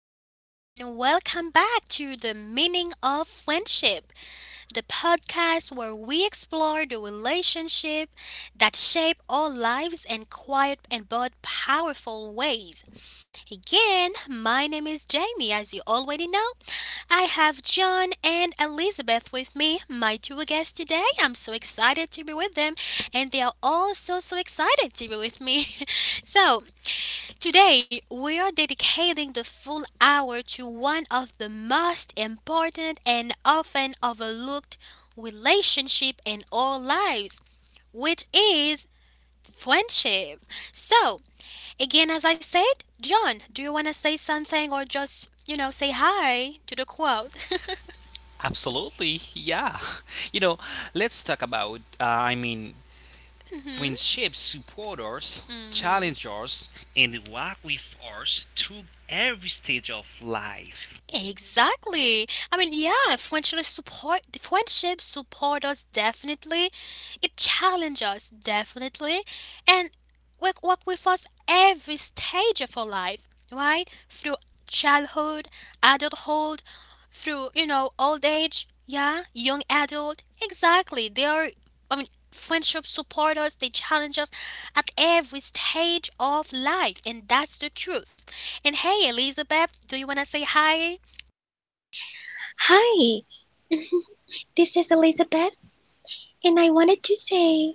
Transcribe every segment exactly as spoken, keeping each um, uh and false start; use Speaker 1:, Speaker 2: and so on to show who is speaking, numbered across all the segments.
Speaker 1: everyone, and welcome back to The Meaning of Friendship, the podcast where we explore the relationship that shape our lives in quiet and but powerful ways. Again, my name is Jamie, as you already know. I have John and Elizabeth with me, my two guests today. I'm so excited to be with them, and they are all so so excited to be with me. so, Today, we are dedicating the full hour to one of the most important and often overlooked relationship in our lives, which is friendship. So, again, as I said, John, do you want to say something or just, you know, say hi to the crowd?
Speaker 2: Absolutely, yeah. You know, let's talk about, uh, I mean,
Speaker 1: Hmm.
Speaker 2: friendships support us,
Speaker 1: Hmm.
Speaker 2: challenge us, and walk with us through every stage of life.
Speaker 1: Exactly. I mean, yeah, friendship support friendship support us definitely. It challenges us definitely, and work work with us every stage of our life, right? Through childhood, adulthood, through you know old age, yeah, young adult. Exactly. They are. I mean, friendship support us. They challenge us at every stage of life, and that's the truth. And hey, Elizabeth, do you wanna say hi?
Speaker 3: Hi, this is Elizabeth, and I wanted to say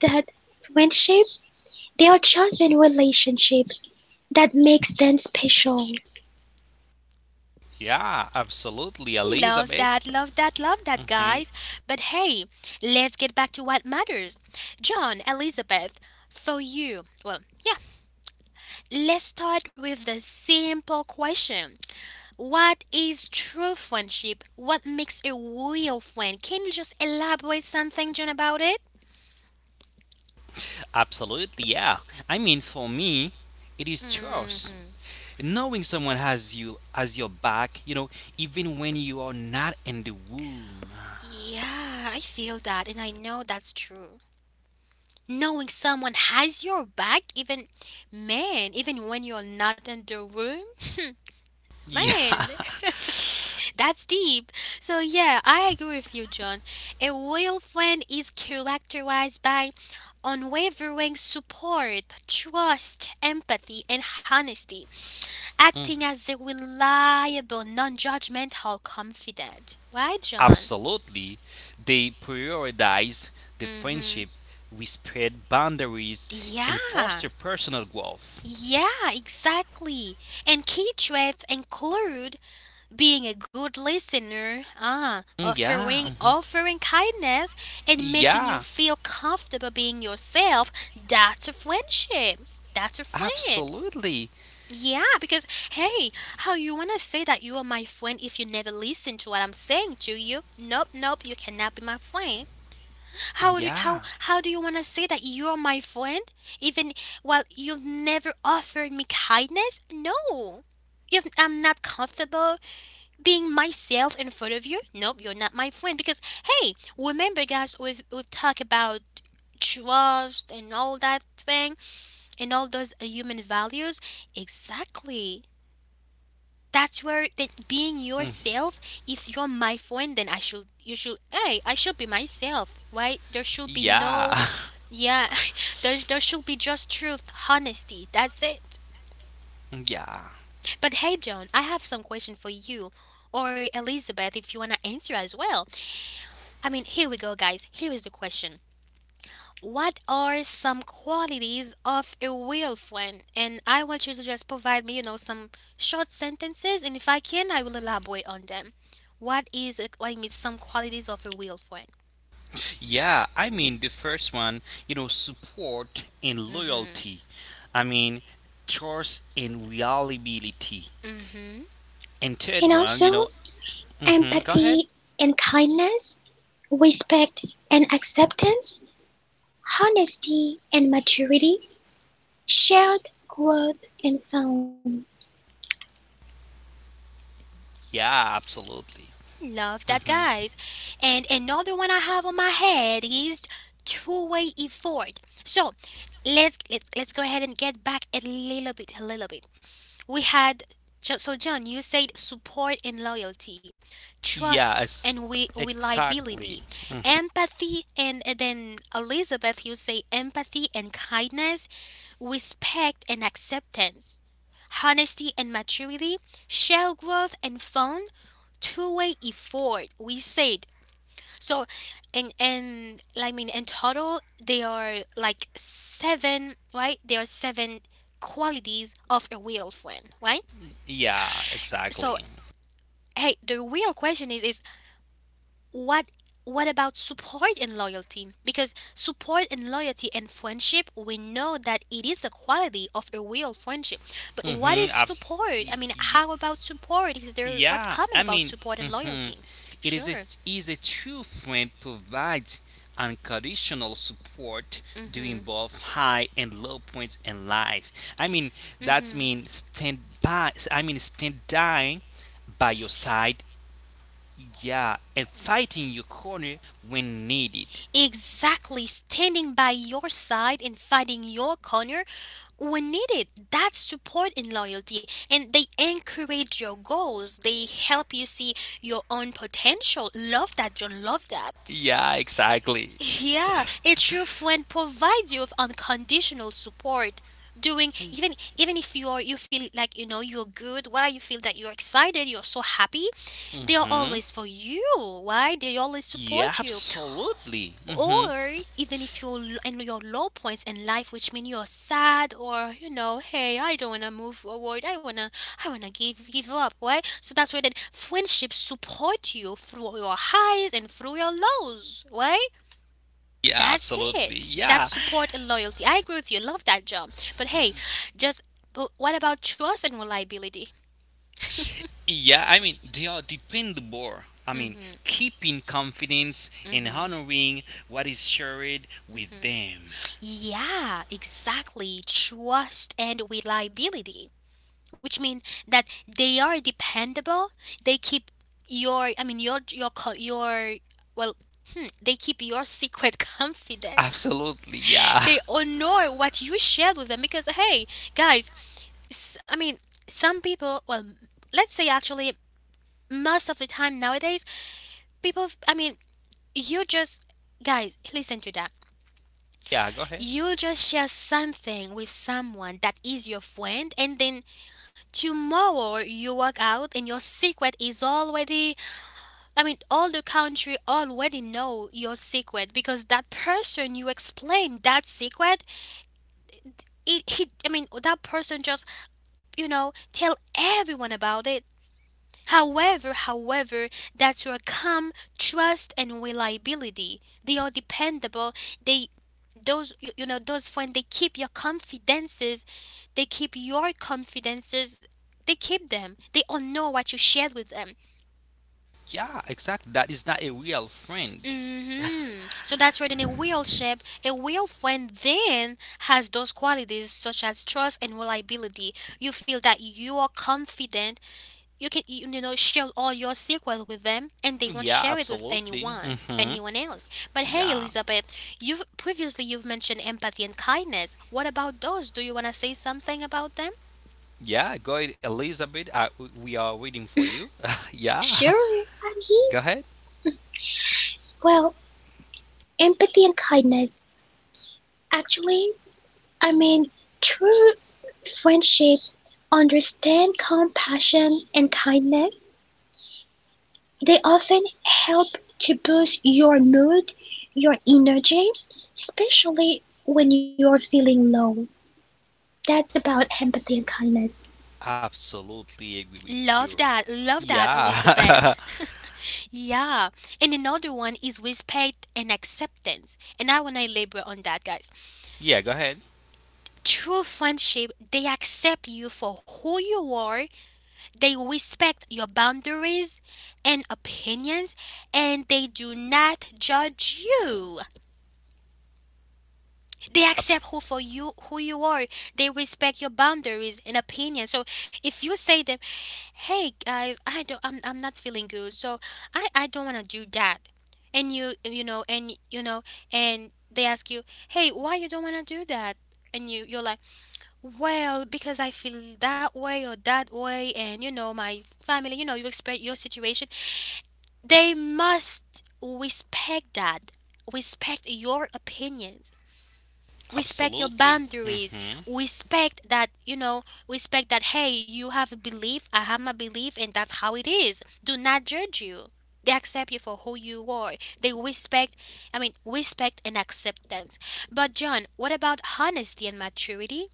Speaker 3: that friendship, they are chosen relationship that makes them special.
Speaker 2: Yeah, absolutely,
Speaker 1: Love
Speaker 2: Elizabeth.
Speaker 1: that, love that, love that,
Speaker 2: Hmm
Speaker 1: guys. But hey, let's get back to what matters. John, Elizabeth, for you, well, yeah, let's start with the simple question: What is true friendship? What makes a real friend? Can you just elaborate something, John, about it?
Speaker 2: Absolutely, yeah. I mean, for me, it is trust.
Speaker 1: Hmm.
Speaker 2: Knowing someone has you as your back, you know, even when you are not in the womb.
Speaker 1: Yeah, I feel that, and I know that's true. Knowing someone has your back, even man, even when you're not in the room.
Speaker 2: Yeah.
Speaker 1: Man, that's deep. So, yeah, I agree with you, John. A loyal friend is characterized by unwavering support, trust, empathy, and honesty, acting as a reliable, non judgmental confidant. Right, John?
Speaker 2: Absolutely, they prioritize the
Speaker 1: Mm-hmm.
Speaker 2: friendship, respect boundaries, and
Speaker 1: Yeah.
Speaker 2: foster personal growth.
Speaker 1: Yeah, exactly. And key traits include being a good listener, ah,
Speaker 2: Mm,
Speaker 1: offering
Speaker 2: yeah, mhm.
Speaker 1: offering kindness and making you
Speaker 2: Yeah,
Speaker 1: feel comfortable being yourself, that's a friendship. That's a friend.
Speaker 2: absolutely.
Speaker 1: Yeah, because hey, how you wanna say that you are my friend if you never listen to what I'm saying to you? Nope, nope, you cannot be my friend. How do how
Speaker 2: Yeah,
Speaker 1: how do you wanna say that you are my friend even while you've never offered me kindness? No, if I'm not comfortable being myself in front of you, nope, you're not my friend. Because hey, remember guys, we've we've talked about trust and all that thing, and all those uh, human values, exactly. That's where, that being
Speaker 2: mm,
Speaker 1: yourself, if you're my friend, then i should you should hey i should be myself, right? There should be
Speaker 2: yeah,
Speaker 1: no, yeah. there, there should be just truth, honesty, that's it.
Speaker 2: yeah,
Speaker 1: But hey, John, I have some question for you, or Elizabeth, if you want to answer as well. I mean, here we go, guys. Here is the question: What are some qualities of a real friend? And I want you to just provide me, you know, some short sentences. And if I can, I will elaborate on them. What is it? I mean, some qualities of a real friend.
Speaker 2: yeah. I mean, the first one, you know, support and loyalty. I mean, trust and reliability.
Speaker 1: Mm-hmm.
Speaker 2: And third
Speaker 3: And
Speaker 2: one, you
Speaker 3: also,
Speaker 2: know, mhm, go ahead.
Speaker 3: empathy and kindness, respect and acceptance, honesty and maturity, shared growth and fun.
Speaker 2: Yeah, absolutely.
Speaker 1: Love
Speaker 2: Mm-hmm.
Speaker 1: that, guys. And another one I have on my head is two-way effort. So let's let's let's go ahead and get back a little bit, a little bit. We had Jo- so John, you said support and loyalty,
Speaker 2: Yeah,
Speaker 1: trust
Speaker 2: ex-
Speaker 1: and we
Speaker 2: exactly.
Speaker 1: reliability,
Speaker 2: Mhm.
Speaker 1: empathy, and, and then Elizabeth, you say empathy and kindness, respect and acceptance, honesty and maturity, shared growth and fun, two-way effort. We said, so, and and I mean in total there are like seven, right? There are seven qualities of a real friend, right?
Speaker 2: Yeah,
Speaker 1: So
Speaker 2: exactly.
Speaker 1: hey, the real question is is what what about support and loyalty? Because support and loyalty and friendship, we know that it is a quality of a real friendship. But what
Speaker 2: Mm-hmm.
Speaker 1: is
Speaker 2: Abs-
Speaker 1: support? I
Speaker 2: y-
Speaker 1: mean,
Speaker 2: y-
Speaker 1: how about support? Is there what's
Speaker 2: yeah,
Speaker 1: common
Speaker 2: I
Speaker 1: about
Speaker 2: mean,
Speaker 1: support and
Speaker 2: mhm.
Speaker 1: loyalty?
Speaker 2: it is a,
Speaker 1: Sure.
Speaker 2: is a true friend provides unconditional support during
Speaker 1: Mhm.
Speaker 2: both high and low points in life. I mean, that's
Speaker 1: Mhm.
Speaker 2: mean stand by. I mean, stand dying by your
Speaker 1: S-
Speaker 2: side. Yeah, and fighting your corner when needed.
Speaker 1: Exactly, standing by your side and fighting your corner, we need it. That's support and loyalty. And they encourage your goals. They help you see your own potential. Love that, John. Love that.
Speaker 2: Yeah, exactly.
Speaker 1: Yeah, a true friend provides you with unconditional support. Doing even even if you are you feel like you know you're good, why you feel that you're excited, you're so happy, they are
Speaker 2: Mm-hmm.
Speaker 1: always for you. Why they always
Speaker 2: Yeah,
Speaker 1: support you,
Speaker 2: absolutely. Hmm
Speaker 1: or even if you're in your low points in life, which mean you're sad, or you know hey, I don't want to move forward, I want to, i want to give give up, right? So that's where then friendships support you through your highs and through your lows, right?
Speaker 2: Yeah,
Speaker 1: That's
Speaker 2: absolutely.
Speaker 1: it. That's
Speaker 2: Yeah.
Speaker 1: support and loyalty. I agree with you. Love that, job. But hey, just but what about trust and reliability?
Speaker 2: Yeah, I mean, they are dependable. I mean, keeping confidence and honoring what is shared with them.
Speaker 1: Yeah, exactly. Trust and reliability, which means that they are dependable. They keep your, I mean, your, your, co- your, well, hmm, they keep your secret confidence.
Speaker 2: Absolutely. Yeah.
Speaker 1: They honor what you shared with them because, hey, guys, s- I mean, some people, well, let's say actually, most of the time nowadays, people, f- I mean, you just, guys, listen to that.
Speaker 2: Yeah, go ahead.
Speaker 1: You just share something with someone that is your friend, and then tomorrow you walk out and your secret is already, I mean, all the country already know your secret, because that person you explain that secret, it he I mean, that person just you know tell everyone about it. However, however, that's your calm, trust, and reliability. They are dependable. They, those you, you know, those friends. They keep your confidences. They keep your confidences. They keep them. They all know what you shared with them.
Speaker 2: Yeah, exactly. That is not a real friend.
Speaker 1: Hmm. So that's where then a real shape, a real friend then has those qualities such as trust and reliability. You feel that you are confident, you can you know share all your secret with them, and they won't
Speaker 2: Yeah,
Speaker 1: share it with
Speaker 2: absolutely.
Speaker 1: anyone
Speaker 2: Hmm
Speaker 1: anyone else. But hey,
Speaker 2: Yeah.
Speaker 1: Elizabeth, you've previously you've mentioned empathy and kindness. What about those? Do you want to say something about them?
Speaker 2: Yeah, go ahead, Elizabeth. I, we are waiting for you. yeah,
Speaker 3: Sure, I'm here.
Speaker 2: go ahead.
Speaker 3: Well, empathy and kindness. Actually, I mean, true friendship understand compassion and kindness. They often help to boost your mood, your energy, especially when you're feeling low. That's about empathy and kindness.
Speaker 2: Absolutely agree with
Speaker 1: Love
Speaker 2: you.
Speaker 1: that, love that,
Speaker 2: Yeah.
Speaker 1: Elizabeth. Yeah, and another one is respect and acceptance, and I want to labor on that, guys.
Speaker 2: Yeah, go ahead.
Speaker 1: True friendship, they accept you for who you are. They respect your boundaries and opinions, and they do not judge you. They accept who for you who you are. They respect your boundaries and opinions. So if you say them, "Hey guys, I don't I'm, I'm not feeling good. So I I don't want to do that." And you you know and you know and they ask you, "Hey, why you don't want to do that?" And you you're like, well, because I feel that way or that way, and you know, my family, you know, you express your situation. They must respect that. Respect your opinions. Respect your
Speaker 2: Absolutely.
Speaker 1: boundaries.
Speaker 2: Hmm
Speaker 1: Respect that, you know, respect that, hey, you have a belief, I have my belief, and that's how it is. Do not judge you. They accept you for who you are. They respect, I mean, respect and acceptance. But, John, what about honesty and maturity?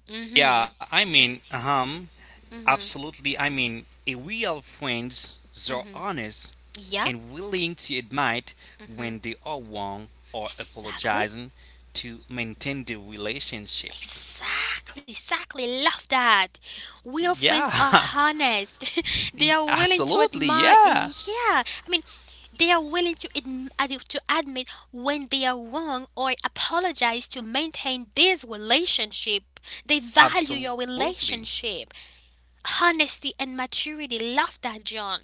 Speaker 1: Mm
Speaker 2: Yeah, I mean, um,
Speaker 1: hmm. Mm hmm.
Speaker 2: absolutely. I mean, a real friends
Speaker 1: Mm
Speaker 2: are
Speaker 1: hmm.
Speaker 2: honest
Speaker 1: Yeah.
Speaker 2: and willing to admit
Speaker 1: Mm hmm.
Speaker 2: when they are wrong or
Speaker 1: Exactly.
Speaker 2: apologizing to maintain the relationship.
Speaker 1: Exactly, exactly. Love that. Real
Speaker 2: Yeah.
Speaker 1: friends are honest. They
Speaker 2: Y-
Speaker 1: are willing to
Speaker 2: absolutely.
Speaker 1: admire.
Speaker 2: Yeah.
Speaker 1: Yeah, I mean, they are willing to adm- ad- to admit when they are wrong or apologize to maintain this relationship. They value your
Speaker 2: Absolutely.
Speaker 1: relationship. Honesty and maturity. Love that, John.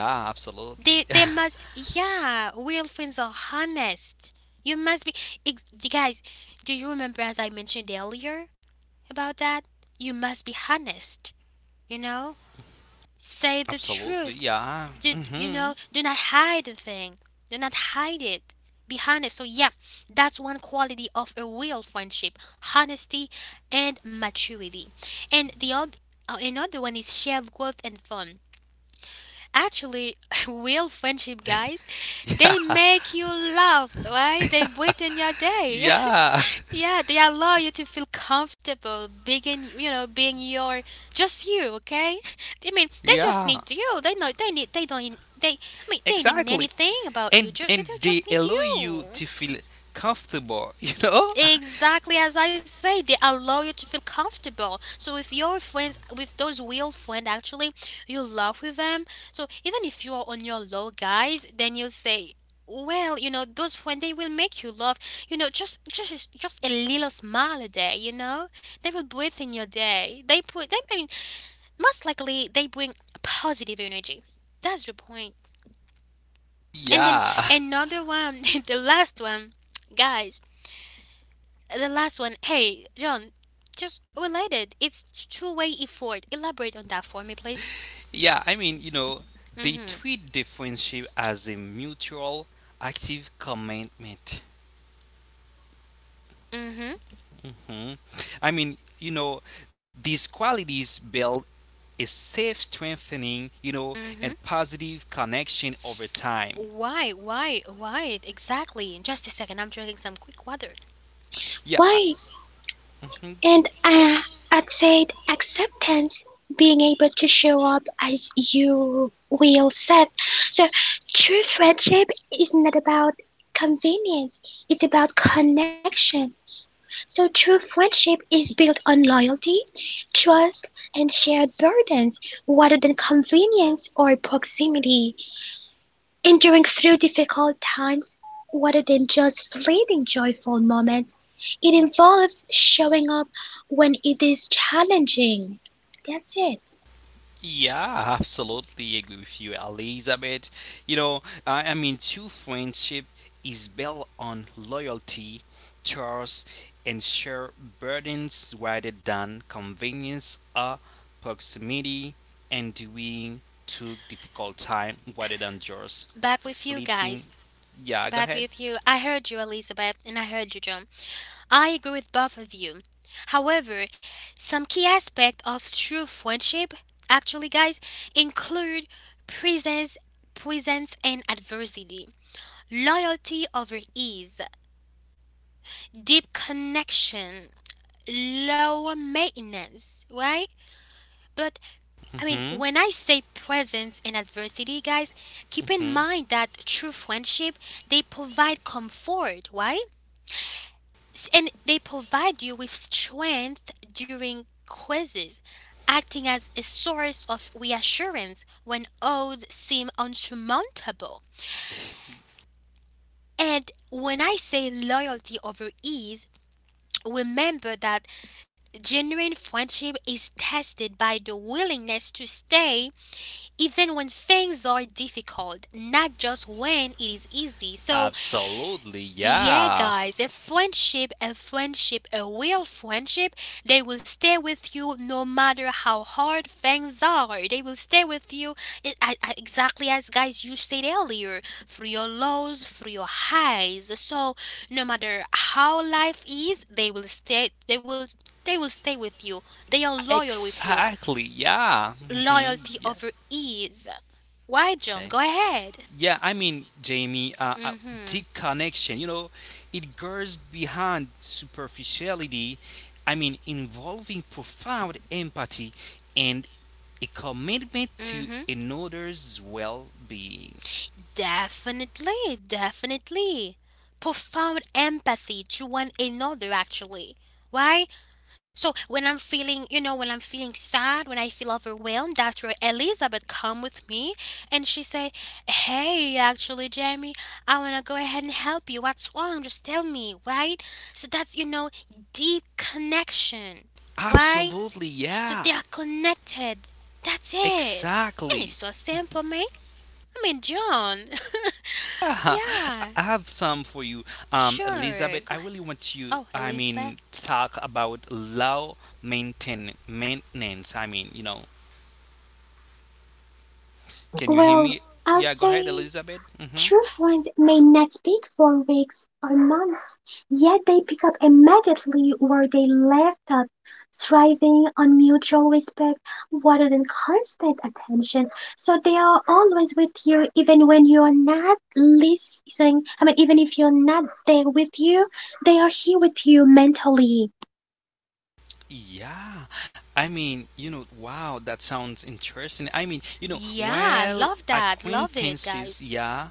Speaker 2: Yeah,
Speaker 1: They
Speaker 2: absolutely.
Speaker 1: they must, yeah, real friends are honest. You must be ex- you guys, do you remember as I mentioned earlier about that? You must be honest, you know? Say the
Speaker 2: absolutely.
Speaker 1: truth.
Speaker 2: Yeah.
Speaker 1: Do, you
Speaker 2: Mhm.
Speaker 1: know, do not hide the thing. Do not hide it. Be honest. So yeah, that's one quality of a real friendship, honesty and maturity. And the other another one is shared growth and fun. Actually, real friendship, guys,
Speaker 2: hmm
Speaker 1: they make you laugh, right? They brighten your day.
Speaker 2: Yeah.
Speaker 1: Yeah, they allow you to feel comfortable being, you know, being your just you. Okay, I mean, they just
Speaker 2: Yeah.
Speaker 1: need you. They know they need. They don't need, they, I mean, they need
Speaker 2: Exactly.
Speaker 1: anything about you.
Speaker 2: and
Speaker 1: Just they
Speaker 2: and they
Speaker 1: just need
Speaker 2: allow you
Speaker 1: you.
Speaker 2: to feel comfortable you know
Speaker 1: Exactly as I say, they allow you to feel comfortable. So with your friends, with those real friends, actually, you laugh with them. So even if you're on your low, guys, then you'll say, well, you know, those friends they will make you laugh. You know, just just just a little smile a day. You know, they will breathe in your day. They put, they I mean, most likely they bring positive energy. That's the point. And then
Speaker 2: yeah,
Speaker 1: another one, the last one, guys the last one, hey, John, just related. It's two way effort. Elaborate on that for me, please.
Speaker 2: yeah, i mean you know
Speaker 1: Mm
Speaker 2: they
Speaker 1: hmm.
Speaker 2: treat the friendship as a mutual active commitment.
Speaker 1: Mm hmm.
Speaker 2: Hmm. i mean you know these qualities build a safe strengthening, you know,
Speaker 1: Mm
Speaker 2: and
Speaker 1: hmm.
Speaker 2: positive connection over time.
Speaker 1: Why? Why? Why? Exactly. Just a second, I'm drinking some quick water.
Speaker 2: Yeah.
Speaker 3: Why? And uh, I'd say acceptance, being able to show up as you will set. So true friendship is not about convenience, it's about connection. So true friendship is built on loyalty, trust, and shared burdens rather than convenience or proximity, enduring through difficult times rather than just fleeting joyful moments. It involves showing up when it is challenging. That's it.
Speaker 2: Yeah, I absolutely agree with you, Elizabeth. You know, I, I mean, true friendship is built on loyalty, trust, and share burdens rather than convenience or proximity and doing to difficult time rather than just
Speaker 1: Back with you
Speaker 2: fleeting.
Speaker 1: guys.
Speaker 2: Yeah, go
Speaker 1: Back
Speaker 2: ahead.
Speaker 1: with you. I heard you, Elizabeth, and I heard you, John. I agree with both of you. However, some key aspect of true friendship, actually, guys, include presence, presence, and adversity. Loyalty over ease, deep connection, lower maintenance, right? But I mean,
Speaker 2: Mm-hmm,
Speaker 1: when I say presence in adversity, guys, keep in
Speaker 2: mm-hmm.
Speaker 1: mind that true friendship, they provide comfort, right? S- And they provide you with strength during quizzes, acting as a source of reassurance when odds seem unsurmountable. And when I say loyalty over ease, remember that genuine friendship is tested by the willingness to stay even when things are difficult, not just when it is easy. So,
Speaker 2: Absolutely,
Speaker 1: yeah,
Speaker 2: yeah.
Speaker 1: guys, a friendship, a friendship, a real friendship, they will stay with you no matter how hard things are. They will stay with you e- I- I- exactly as, guys, you said earlier, through your lows, through your highs. So no matter how life is, they will stay. They will. They will stay with you. They are loyal with you.
Speaker 2: Exactly. Yeah. hmm
Speaker 1: Loyalty
Speaker 2: Yeah.
Speaker 1: over ease. Why, John?
Speaker 2: Eh.
Speaker 1: Go ahead.
Speaker 2: Yeah. I mean, Jamie, uh, uh, deep
Speaker 1: Mm-hmm.
Speaker 2: connection. You know, it goes behind superficiality. I mean, involving profound empathy and a commitment to
Speaker 1: Mm-hmm.
Speaker 2: another's well-being.
Speaker 1: Definitely, definitely. Profound empathy to one another, actually. Why? So when I'm feeling, you know, when I'm feeling sad, when I feel overwhelmed, that's where Elizabeth come with me, and she say, "Hey, actually, Jamie, I wanna go ahead and help you. What's wrong? Just tell me, right?" So that's, you know, deep connection. Why?
Speaker 2: Absolutely.
Speaker 1: So they
Speaker 2: Yeah.
Speaker 1: are connected. That's it. And it's
Speaker 2: Exactly.
Speaker 1: so simple, mate. I mean, John.
Speaker 2: Yeah,
Speaker 1: Yeah,
Speaker 2: I have some for you, um,
Speaker 1: sure.
Speaker 2: Elizabeth. I
Speaker 1: Go ahead.
Speaker 2: really want you.
Speaker 1: Oh,
Speaker 2: I
Speaker 1: Elizabeth.
Speaker 2: mean, talk about low maintain maintenance. I mean, you know, can you hear
Speaker 3: Well,
Speaker 2: me?
Speaker 3: I'd
Speaker 2: Yeah, go ahead,
Speaker 3: say
Speaker 2: Elizabeth. Mm-hmm.
Speaker 3: true friends may not speak for weeks or months, yet they pick up immediately where they left off, thriving on mutual respect rather than constant attention. So they are always with you even when you are not listening. I mean, even if you're not there with you, they are here with you mentally.
Speaker 2: Yeah, I mean, you know, wow, that sounds interesting. I mean, you know,
Speaker 1: Yeah,
Speaker 2: while
Speaker 1: love that. Love it,
Speaker 2: acquaintances,
Speaker 1: guys.
Speaker 2: yeah,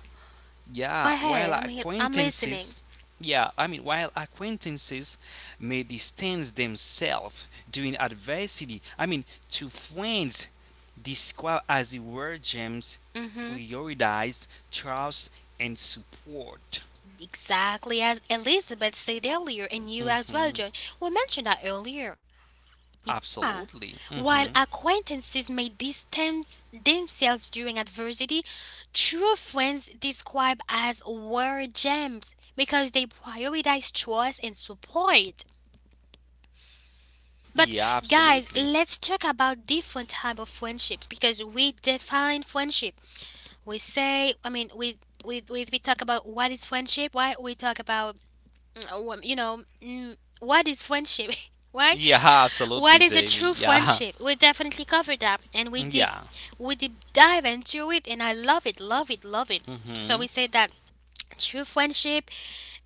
Speaker 2: Yeah,
Speaker 1: But
Speaker 2: while
Speaker 1: hey, I'm here. I'm listening.
Speaker 2: acquaintances, yeah, I mean, while acquaintances may distance themselves during adversity, I mean, to friends described as the word gems
Speaker 1: Mm-hmm.
Speaker 2: prioritize trust and support.
Speaker 1: Exactly as Elizabeth said earlier, and you as well,
Speaker 2: Hmm
Speaker 1: John. We mentioned that earlier. Yeah.
Speaker 2: Absolutely.
Speaker 1: While
Speaker 2: Hmm
Speaker 1: acquaintances may distance themselves during adversity, true friends describe as war gems because they prioritize trust and support.
Speaker 2: Yeah,
Speaker 1: But, guys,
Speaker 2: absolutely.
Speaker 1: let's talk about different type of friendships because we define friendship. We say, I mean, we we we, we talk about what is friendship. Why we talk about, mm, uh, you know, mm, what is friendship? Why?
Speaker 2: Yeah,
Speaker 1: What
Speaker 2: absolutely,
Speaker 1: is a
Speaker 2: Jamie.
Speaker 1: true
Speaker 2: Yeah,
Speaker 1: friendship? We definitely covered that, and we dig,
Speaker 2: yeah.
Speaker 1: we deep dive into it, and I love it, love it, love it. So
Speaker 2: hmm
Speaker 1: we say that true friendship,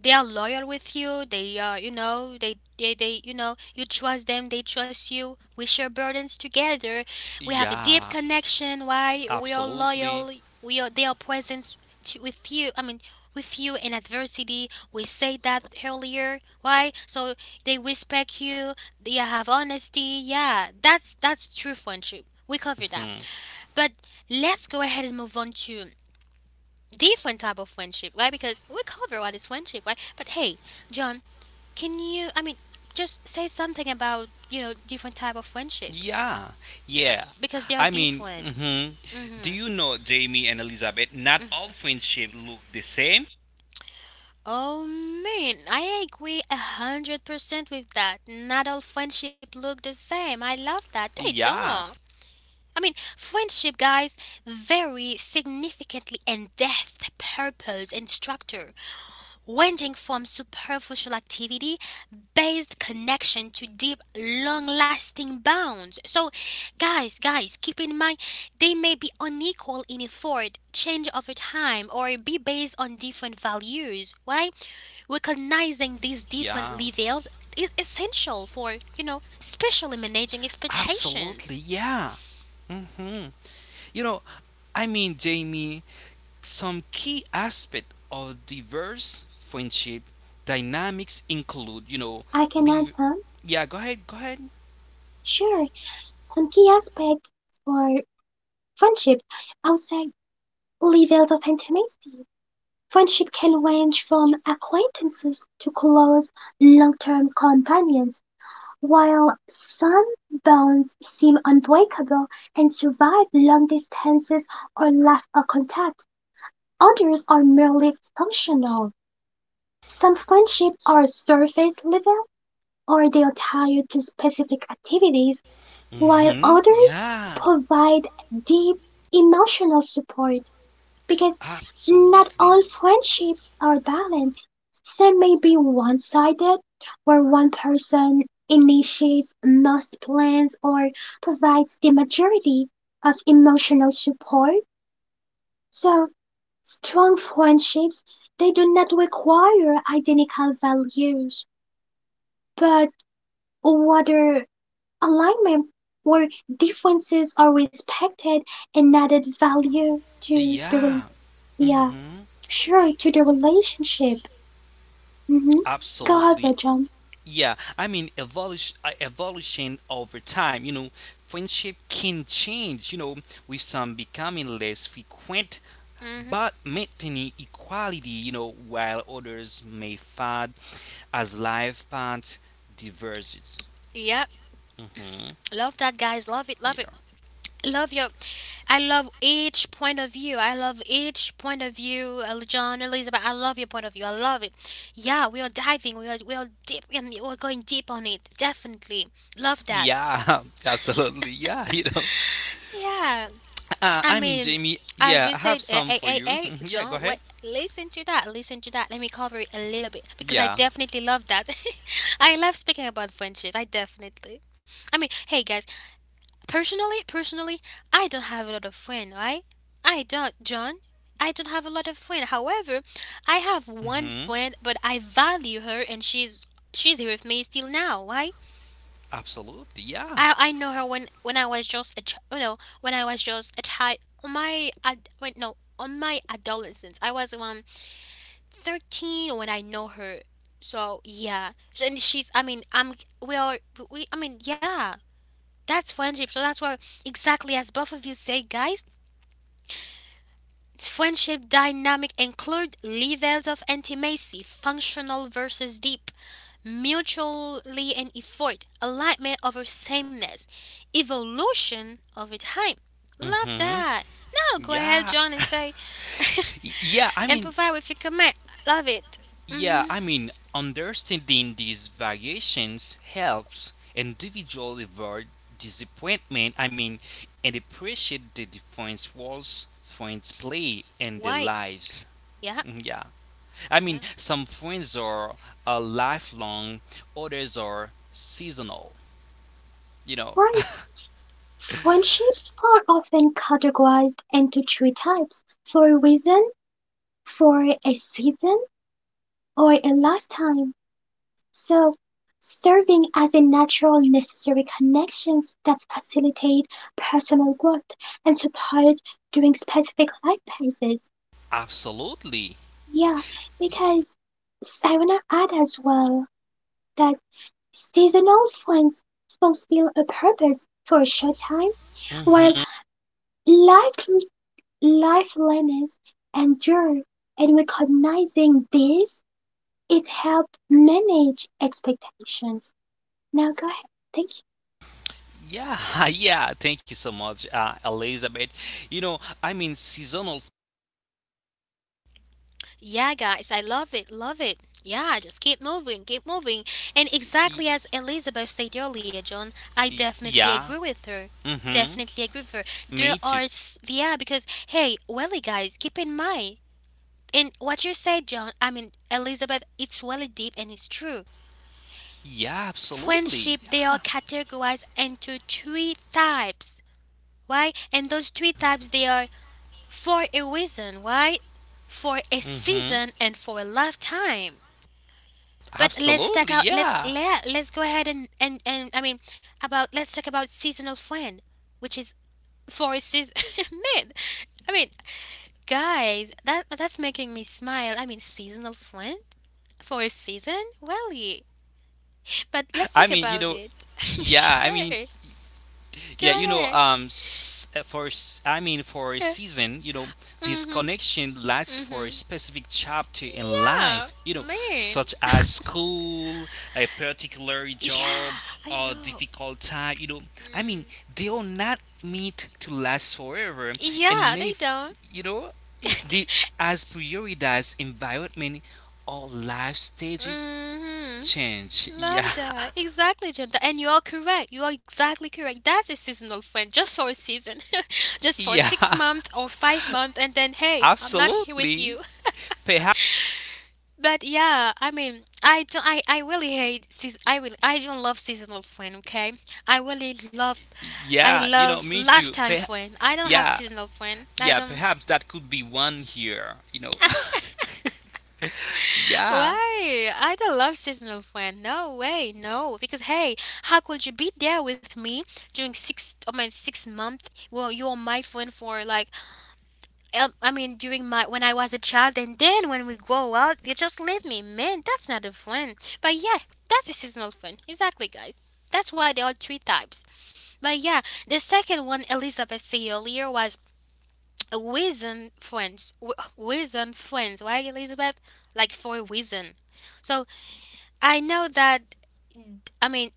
Speaker 1: they are loyal with you, they are, you know, they they, they you know, you trust them, they trust you, we share burdens together, we have a deep
Speaker 2: Yeah,
Speaker 1: connection, why? We are
Speaker 2: absolutely.
Speaker 1: loyal, we are they are present to, with you, I mean, with you in adversity. We said that earlier. Why? So they respect you, they have honesty. Yeah, that's that's true friendship. We covered that.
Speaker 2: Mm-hmm.
Speaker 1: But let's go ahead and move on to different type of friendship, right? Because we cover what is friendship, right? But hey, John, can you? I mean, just say something about, you know, different type of friendship
Speaker 2: Yeah, yeah.
Speaker 1: because they are
Speaker 2: I mean,
Speaker 1: different.
Speaker 2: hmm do
Speaker 1: Mm-hmm.
Speaker 2: you know Jamie and Elizabeth? Not all friendship look the same.
Speaker 1: Oh man, I agree a hundred percent with that. Not all friendship look the same. I love that they don't.
Speaker 2: Yeah,
Speaker 1: I mean, friendship, guys, vary significantly in depth, purpose, and structure, ranging from superficial activity based connection to deep, long lasting bonds. So, guys, guys, keep in mind they may be unequal in effort, change over time, or be based on different values, right? Recognizing these different
Speaker 2: yeah,
Speaker 1: levels is essential for, you know, especially managing expectations.
Speaker 2: absolutely, yeah. hmm You know, I mean, Jamie, some key aspect of diverse friendship dynamics include, you know,
Speaker 3: I can add
Speaker 2: leave.
Speaker 3: some,
Speaker 2: Yeah, go ahead, go ahead.
Speaker 3: sure, some key aspects for friendship outside levels of intimacy. Friendship can range from acquaintances to close, long-term companions, while some bonds seem unbreakable and survive long distances or lack of contact. Others are merely functional. Some friendships are surface level or they are tied to specific activities, while
Speaker 2: Hmm
Speaker 3: others
Speaker 2: Yeah,
Speaker 3: provide deep emotional support because not
Speaker 2: absolutely.
Speaker 3: all friendships are balanced. Some may be one sided, where one person initiates most plans or provides the majority of emotional support. So, strong friendships, they do not require identical values, but rather alignment where differences are respected and added value to the rel-
Speaker 2: Yeah.
Speaker 3: yeah,
Speaker 2: Mm-hmm.
Speaker 3: sure, to the relationship. Mhm.
Speaker 2: Absolutely.
Speaker 3: John.
Speaker 2: Yeah, I mean evolution, uh, evolution over time, you know, friendship can change, you know, with some becoming less frequent
Speaker 1: Hmm.
Speaker 2: but maintaining equality, you know, while others may fade as life paths diverges.
Speaker 1: Yep.
Speaker 2: Hmm
Speaker 1: Love that, guys. Love it. Love it.
Speaker 2: Yeah.
Speaker 1: Love your, I love each point of view, i love each point of view El- john, Elizabeth, I love your point of view, I love it. Yeah, we are diving we are we are deep and we're going deep on it, definitely. Love that.
Speaker 2: Yeah, absolutely. Yeah, you know.
Speaker 1: Yeah,
Speaker 2: Uh,
Speaker 1: I
Speaker 2: I mean,
Speaker 1: mean,
Speaker 2: Jamie,
Speaker 1: as
Speaker 2: yeah,
Speaker 1: we
Speaker 2: I have
Speaker 1: said, uh,
Speaker 2: some
Speaker 1: hey,
Speaker 2: for
Speaker 1: hey
Speaker 2: you.
Speaker 1: hey
Speaker 2: Mhm, yeah, go
Speaker 1: John,
Speaker 2: ahead.
Speaker 1: what listen to that, listen to that let me cover it a little bit because I
Speaker 2: Yeah.
Speaker 1: definitely love that. I love speaking about friendship, I definitely. I mean, hey guys, Personally, personally, I don't have a lot of friends, right? I don't, John. I don't have a lot of friends. However, I have one
Speaker 2: hmm
Speaker 1: friend, but I value her, and she's she's here with me still now, right?
Speaker 2: Absolutely. Yeah.
Speaker 1: I I know her when when I was just a ch- you know, when I was just a child. My ad- wait no On my adolescence, I was around thirteen when I know her. So yeah. So, and she's I mean I'm we are we I mean yeah, that's friendship. So that's why exactly as both of you say, guys, friendship dynamic include levels of intimacy, functional versus deep, mutually and effort, alignment over sameness, evolution over time. Love
Speaker 2: hmm
Speaker 1: that. Now go ahead,
Speaker 2: Yeah,
Speaker 1: John, and say
Speaker 2: Y- yeah, I
Speaker 1: and
Speaker 2: mean,
Speaker 1: provide with your comment. Love it.
Speaker 2: yeah,
Speaker 1: Mm-hmm.
Speaker 2: I mean, understanding these variations helps individual avoid disappointment. I mean, and appreciate the different roles friends play in their
Speaker 1: Why?
Speaker 2: lives.
Speaker 1: Yeah.
Speaker 2: Mm, yeah, I mean,
Speaker 1: Yeah.
Speaker 2: some friends are uh, lifelong, others are seasonal. You
Speaker 3: Right.
Speaker 2: know,
Speaker 3: Friendships are often categorized into three types, for a reason, for a season, or a lifetime. So, serving as a natural, necessary connections that facilitate personal growth and support during specific life phases.
Speaker 2: absolutely.
Speaker 3: Yeah, because I want to add as well that seasonal friends fulfill a purpose for a short time while
Speaker 2: Hmm
Speaker 3: life lifelessness endure, and recognizing this, it helps manage expectations. Now go ahead. Thank
Speaker 2: Yeah, yeah. Thank you so much, uh, Elizabeth. You know, I mean, seasonal.
Speaker 1: Yeah, guys, I love it, love it. Yeah, just keep moving, keep moving. And
Speaker 2: y-
Speaker 1: exactly as Elizabeth said earlier, John, I
Speaker 2: y-
Speaker 1: definitely
Speaker 2: Yeah,
Speaker 1: agree with her.
Speaker 2: mm-hmm.
Speaker 1: Definitely agree with her. There
Speaker 2: Me too.
Speaker 1: are, s- yeah, because, hey, welly, guys, keep in mind. And what you said, John, I mean, Elizabeth, it's really deep and it's true.
Speaker 2: Yeah, absolutely.
Speaker 1: Friendship, they
Speaker 2: Yeah.
Speaker 1: are categorized into three types, right? And those three types, they are for a reason, right? For a
Speaker 2: Mm-hmm.
Speaker 1: season and for a lifetime. But let's
Speaker 2: Absolutely.
Speaker 1: talk out. Let's
Speaker 2: Yeah.
Speaker 1: let let's go ahead and and and I mean about, let's talk about seasonal friend, which is forces. Man, I mean, guys, that that's making me smile. I mean, seasonal friend for a season. Well, yeah. But let's
Speaker 2: I
Speaker 1: talk
Speaker 2: mean, you
Speaker 1: about
Speaker 2: know,
Speaker 1: it.
Speaker 2: yeah. I
Speaker 1: Sure,
Speaker 2: mean,
Speaker 1: go
Speaker 2: yeah, you know,
Speaker 1: ahead.
Speaker 2: um, s- uh, for s- I mean, for a
Speaker 1: Yeah.
Speaker 2: season, you know, this
Speaker 1: Mhm.
Speaker 2: connection lasts for a
Speaker 1: Mhm.
Speaker 2: specific chapter in
Speaker 1: Yeah,
Speaker 2: life, you know,
Speaker 1: man.
Speaker 2: such as school, a particular job,
Speaker 1: Yeah, I
Speaker 2: or
Speaker 1: know.
Speaker 2: difficult time. You know, I mean, they are not meant to last forever, and
Speaker 1: Yeah,
Speaker 2: may,
Speaker 1: they
Speaker 2: f-
Speaker 1: don't.
Speaker 2: you know, I- the as prioritize environment or life stages
Speaker 1: Mhm.
Speaker 2: change. Yeah,
Speaker 1: Love that. Exactly, Jenta. And you are correct. You are exactly correct. That's a seasonal friend, just for a season, just for six
Speaker 2: yeah,
Speaker 1: months or five months, and then hey, I'm not here with
Speaker 2: absolutely.
Speaker 1: you.
Speaker 2: Perhaps.
Speaker 1: But yeah, I mean, I don't. I, I really hate. Seas- I will. I don't love seasonal friend. Okay, I really love. I
Speaker 2: Yeah, you know,
Speaker 1: love
Speaker 2: me too.
Speaker 1: lifetime
Speaker 2: Pe-
Speaker 1: friend. I don't have
Speaker 2: yeah,
Speaker 1: seasonal friend. I
Speaker 2: yeah,
Speaker 1: don't.
Speaker 2: perhaps that could be one here, you know. yeah.
Speaker 1: Why? I don't love seasonal plan. No way, no. Because hey, how could you be there with me during six? I mean, six month. Well, you are my friend for like, um, I mean, during my, when I was a child, and then when we grow out, you just leave me. Man, that's not a friend. But yeah, that's a seasonal friend. Exactly, guys. That's why there are three types. But yeah, the second one Elizabeth said earlier was a reason friends. Wh- Reason friends, right, Elizabeth? Like for a reason. So I know that, I mean,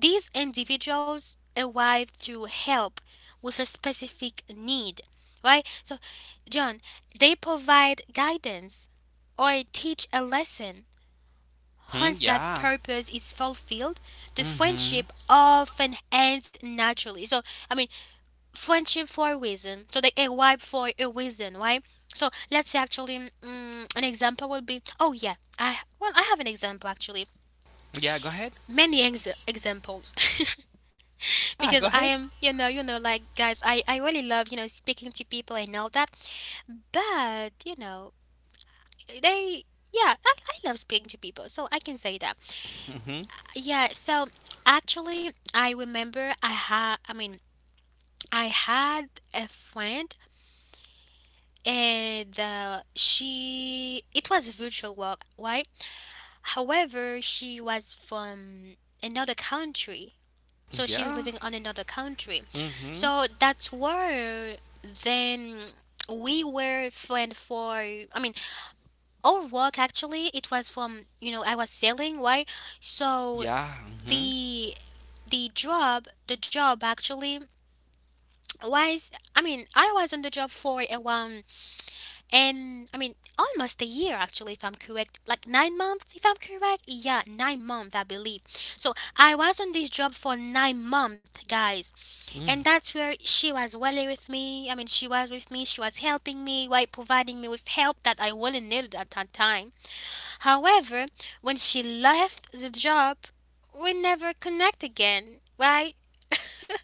Speaker 1: these individuals arrive to help with a specific need, right? So, John, they provide guidance or teach a lesson.
Speaker 2: Hmm,
Speaker 1: Once that
Speaker 2: yeah.
Speaker 1: purpose is fulfilled, the friendship
Speaker 2: Mm-hmm.
Speaker 1: often ends naturally. So, I mean, friendship for a reason. So, they arrive for a reason, right? So, let's say, actually, mm, an example would be, oh, yeah, I well, I have an example, actually.
Speaker 2: Yeah, go ahead.
Speaker 1: Many ex- examples.
Speaker 2: Yeah,
Speaker 1: Because
Speaker 2: go
Speaker 1: I
Speaker 2: ahead.
Speaker 1: am, you know, you know, like, guys, I I really love, you know, speaking to people and all that. But you know, they, yeah, I, I love speaking to people, so I can say that.
Speaker 2: Mm-hmm.
Speaker 1: Yeah, so actually, I remember I had I mean I had a friend, and uh, she, it was virtual work, right? However, she was from another country. So she's
Speaker 2: Yeah.
Speaker 1: living on another country.
Speaker 2: Mm-hmm.
Speaker 1: So that's where then we were friend for, I mean, our work, actually, it was from, you know, I was selling, why? So
Speaker 2: Yeah. Mm-hmm.
Speaker 1: the the job, the job actually was, I mean, I was on the job for around, and I mean, almost a year actually, if I'm correct, like nine months, if I'm correct, yeah, nine months, I believe. So I was on this job for nine months, guys.
Speaker 2: hmm
Speaker 1: And that's where she was really with me. I mean, she was with me. She was helping me while providing me with help that I really needed at that time. However, when she left the job, we never connect again, right?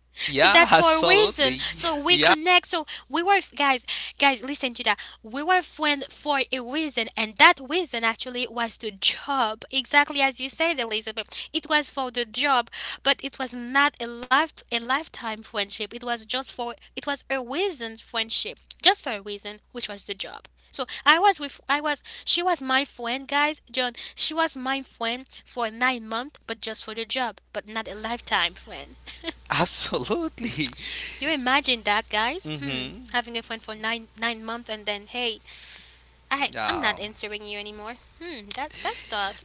Speaker 1: So
Speaker 2: Yeah,
Speaker 1: that's for a reason.
Speaker 2: absolutely.
Speaker 1: So we
Speaker 2: Yeah,
Speaker 1: connect. So we were guys, guys, listen to that. We were friends for a reason, and that reason actually was the job. Exactly as you said, Elizabeth. It was for the job, but it was not a life a lifetime friendship. It was just for, it was a reason friendship, just for a reason, which was the job. So I was with I was she was my friend, guys. John, she was my friend for nine months, but just for the job, but not a lifetime friend.
Speaker 2: absolutely.
Speaker 1: You imagine that, guys? Hmm,
Speaker 2: Mm-hmm.
Speaker 1: having a friend for nine nine months and then hey, I I'm not
Speaker 2: Yeah.
Speaker 1: answering you anymore. Hmm, that's that's tough.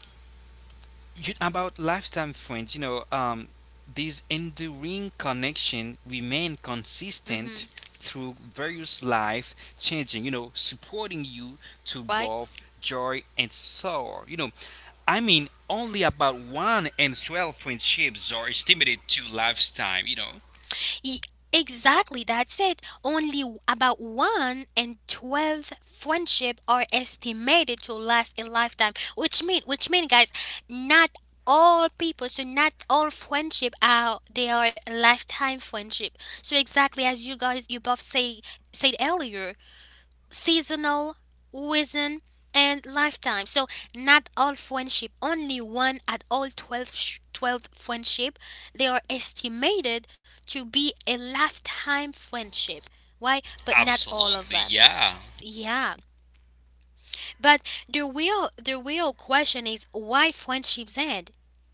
Speaker 2: You, about lifetime friends, you know, um, this enduring connection remain
Speaker 1: Mm-hmm.
Speaker 2: consistent through various life changing, you know, supporting you to
Speaker 1: Right?
Speaker 2: both joy and sorrow. You know, I mean, only about one in twelve friendships are estimated to lifetime, you know.
Speaker 1: Ye- exactly. That's it. Only w- about one in twelve friendship are estimated to last a lifetime, which mean which mean guys, not all people, so not all friendship are, they are lifetime friendship. So exactly as, you guys, you both say said earlier, seasonal, within, and lifetime. So not all friendship, only one at all twelve, sh- twelve friendship, they are estimated to be a lifetime friendship. Why? But not all of
Speaker 2: Absolutely,
Speaker 1: them.
Speaker 2: yeah.
Speaker 1: Yeah. But the real the real question is why friendships end?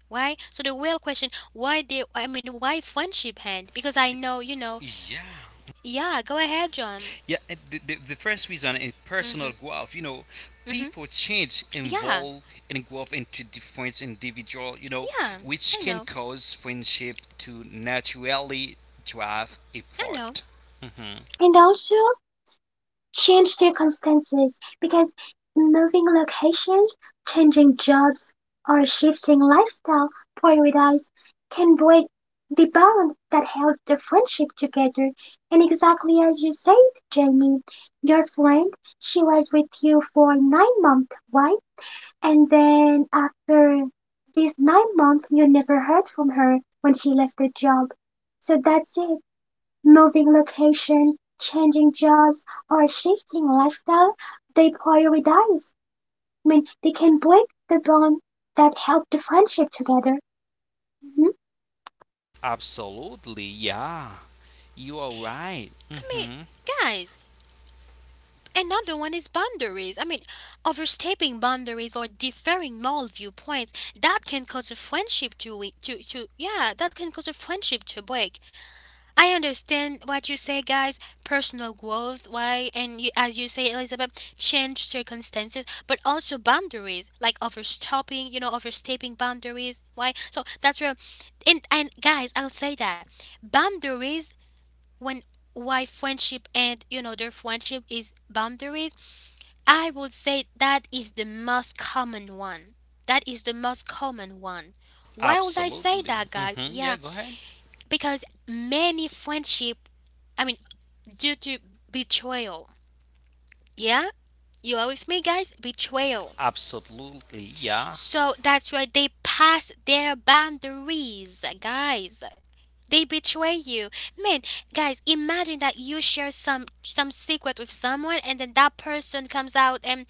Speaker 1: Why? So the real question why they I mean why friendship end? Because I know, you know.
Speaker 2: Yeah.
Speaker 1: Yeah, go ahead, John.
Speaker 2: Yeah, uh, the, the, the first reason is personal
Speaker 1: Mhm.
Speaker 2: growth. You know,
Speaker 1: Mhm.
Speaker 2: people change,
Speaker 1: Yeah.
Speaker 2: involve, and grow into different individual. You know,
Speaker 1: Yeah.
Speaker 2: which
Speaker 1: I
Speaker 2: can
Speaker 1: know.
Speaker 2: cause friendship to naturally drive
Speaker 1: I know.
Speaker 2: apart. Hmm
Speaker 3: you. And also change circumstances because moving locations, changing jobs, or shifting lifestyle priorities can break the bond that held the friendship together. And exactly as you said, Jamie, your friend, she was with you for nine months, right? And then after these nine months, you never heard from her when she left the job. So that's it. Moving location, changing jobs, or shifting lifestyle, they prioritize. I mean, they can break the bond that held the friendship together. Mhm.
Speaker 2: Absolutely, yeah, you are right.
Speaker 1: I mean,
Speaker 2: hmm
Speaker 1: guys, another one is boundaries. I mean, overstepping boundaries or differing moral viewpoints that can cause a friendship to we- to to yeah, that can cause a friendship to break. I understand what you say, guys. Personal growth, why? And you, as you say, Elizabeth, change circumstances, but also boundaries, like overstepping, you know, overstepping boundaries. Why? So that's where, and and guys, I'll say that boundaries when why friendship and you know their friendship is boundaries, I would say that is the most common one, that is the most common one Why would I say
Speaker 2: Absolutely.
Speaker 1: that, guys?
Speaker 2: Hmm
Speaker 1: Yeah,
Speaker 2: Yeah, go ahead.
Speaker 1: because many friendship, I mean, due to betrayal, yeah, you are with me, guys, betrayal.
Speaker 2: Absolutely, yeah.
Speaker 1: So that's why they pass their boundaries, guys. They betray you. Man, guys, imagine that you share some some secret with someone and then that person comes out and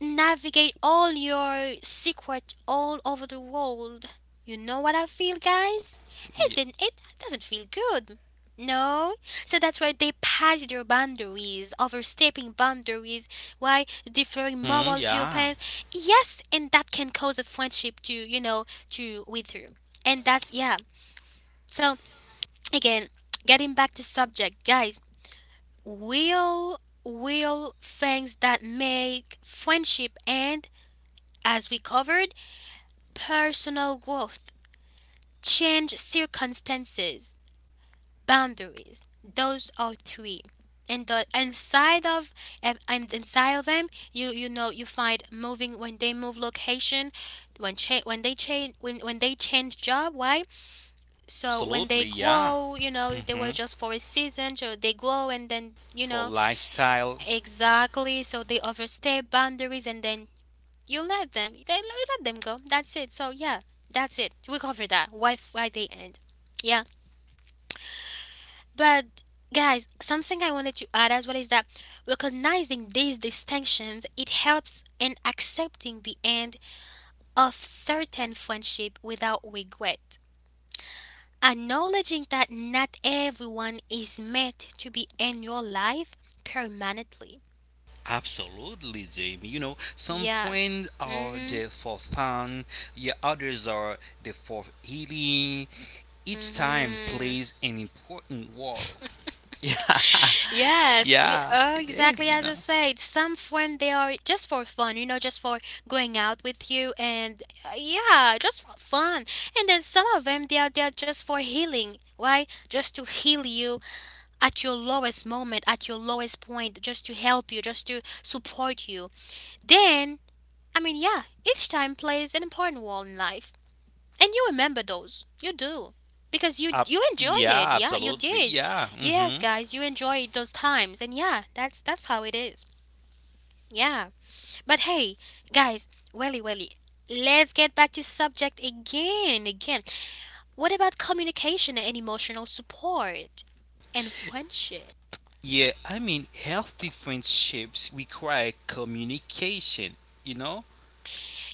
Speaker 1: navigate all your secret all over the world. You know what I feel, guys? It didn't. It doesn't feel good. No, so that's why they pass their boundaries, overstepping boundaries. Why differing
Speaker 2: hmm
Speaker 1: moral
Speaker 2: Yeah,
Speaker 1: viewpoints? Yes, and that can cause a friendship to, you know, to wither, and that's yeah. So again, getting back to subject, guys. Will will things that make friendship end, as we covered, personal growth, change circumstances, boundaries. Those are three. And the inside of and and inside of them, you you know you find moving when they move location, when cha- when they change when when they change job. Why? So when they
Speaker 2: absolutely, yeah.
Speaker 1: grow, you know they were
Speaker 2: hmm
Speaker 1: just for a season. So they grow and then you
Speaker 2: For
Speaker 1: know
Speaker 2: lifestyle.
Speaker 1: exactly. So they overstay boundaries and then you let them. They You let them go. That's it. So yeah, that's it. We covered that. Why f- why they end? Yeah. But guys, something I wanted to add as well is that recognizing these distinctions it helps in accepting the end of certain friendship without regret. Acknowledging that not everyone is meant to be in your life permanently.
Speaker 2: Absolutely, Jamie. You know, some
Speaker 1: Yeah.
Speaker 2: friends are
Speaker 1: Mhm.
Speaker 2: there for fun, yeah, others are there for healing. Each time
Speaker 1: Mhm.
Speaker 2: plays an important role. Yeah,
Speaker 1: Yes, y-
Speaker 2: yeah,
Speaker 1: oh,
Speaker 2: it
Speaker 1: exactly
Speaker 2: is, you
Speaker 1: as I
Speaker 2: know.
Speaker 1: said. Some friend they are just for fun, you know, just for going out with you, and uh, yeah, just for fun. And then some of them they are they are just for healing. Why? Just to heal you at your lowest moment, at your lowest point, just to help you, just to support you. Then, I mean, yeah, each time plays an important role in life and you remember those you do because you
Speaker 2: Ab-
Speaker 1: you enjoyed it,
Speaker 2: yeah,
Speaker 1: yeah, you
Speaker 2: absolutely.
Speaker 1: did.
Speaker 2: Yeah,
Speaker 1: Yes,
Speaker 2: mm-hmm.
Speaker 1: guys, you enjoyed those times and yeah, that's that's how it is. Yeah, but hey, guys, welly welly, let's get back to subject, again again. What about communication and emotional support and friendship?
Speaker 2: Yeah, I mean, healthy friendships require communication, you know?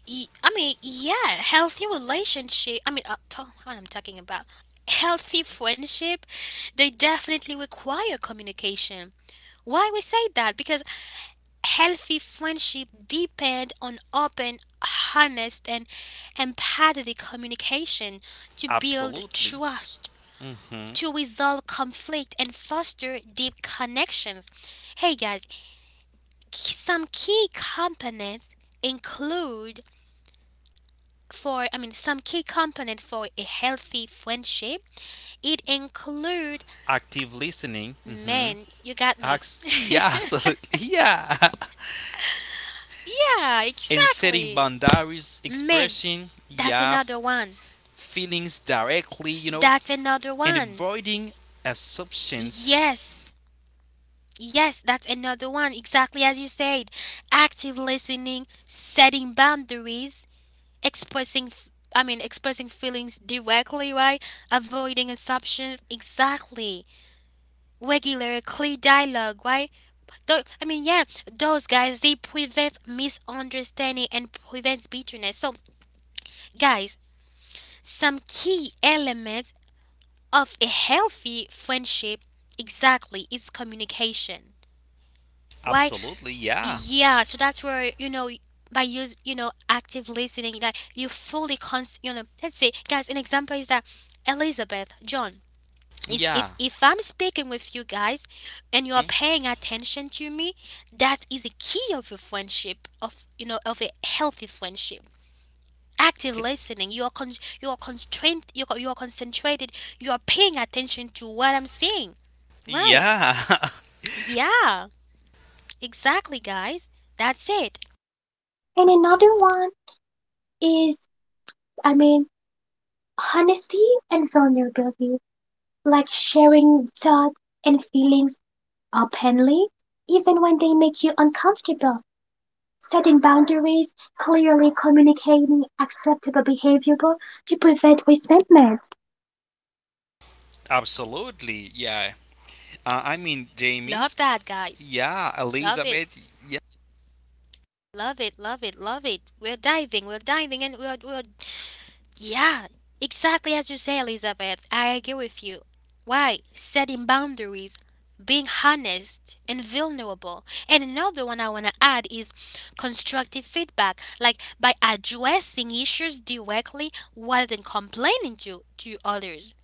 Speaker 1: y- I mean, yeah, healthy relationship. I mean, uh, po- what I'm talking about, healthy friendship, they definitely require communication. Why we say that? Because healthy friendship depend on open, honest, and empathetic communication to build
Speaker 2: Absolutely.
Speaker 1: trust,
Speaker 2: Mm-hmm.
Speaker 1: to resolve conflict, and foster deep connections. Hey guys, k- some key components include, for I mean, some key component for a healthy friendship. It include
Speaker 2: Active listening. Mm-hmm.
Speaker 1: men. You got me.
Speaker 2: Acts. Yeah, absolutely. Yeah.
Speaker 1: Yeah,
Speaker 2: And setting
Speaker 1: exactly.
Speaker 2: boundaries,
Speaker 1: Men.
Speaker 2: expressing
Speaker 1: That's
Speaker 2: your
Speaker 1: another one.
Speaker 2: feelings directly, you know,
Speaker 1: That's another
Speaker 2: and
Speaker 1: one.
Speaker 2: avoiding assumptions.
Speaker 1: Yes. Yes, that's another one. Exactly as you said. Active listening, setting boundaries, expressing f- I mean expressing feelings directly, right? Avoiding assumptions. Exactly. Regular clear dialogue, right? Tho- i mean yeah, those guys they prevent misunderstanding and prevent bitterness. So, guys, some key elements of a healthy friendship, exactly, it's communication. Why?
Speaker 2: Absolutely, yeah,
Speaker 1: Yeah, so that's where, you know, by use you know, active listening, like you fully cons you know, let's say, guys, an example is that Elizabeth, John, is if
Speaker 2: yeah,
Speaker 1: if I'm speaking with you guys and you are
Speaker 2: mm,
Speaker 1: paying attention to me, that is a key of a friendship, of, you know, of a healthy friendship. Active
Speaker 2: okay.
Speaker 1: listening. You are con- you are constrained. You are, you are concentrated. You are paying attention to what I'm saying. Right.
Speaker 2: Yeah,
Speaker 1: Yeah. Exactly, guys. That's it.
Speaker 3: And another one is, I mean, honesty and vulnerability, like sharing thoughts and feelings openly, even when they make you uncomfortable. Setting boundaries, clearly communicating acceptable behavior to prevent resentment,
Speaker 2: absolutely, yeah. Uh, I mean, Jamie,
Speaker 1: Love that, guys.
Speaker 2: yeah,
Speaker 1: Love it.
Speaker 2: Elizabeth, yeah,
Speaker 1: Love it. Love it. Love it. We're diving. We're diving, and we're we're yeah, exactly as you say, Elizabeth. I agree with you. Why? Setting boundaries, being honest and vulnerable. And another one I want to add is constructive feedback, like by addressing issues directly rather than complaining to, to others.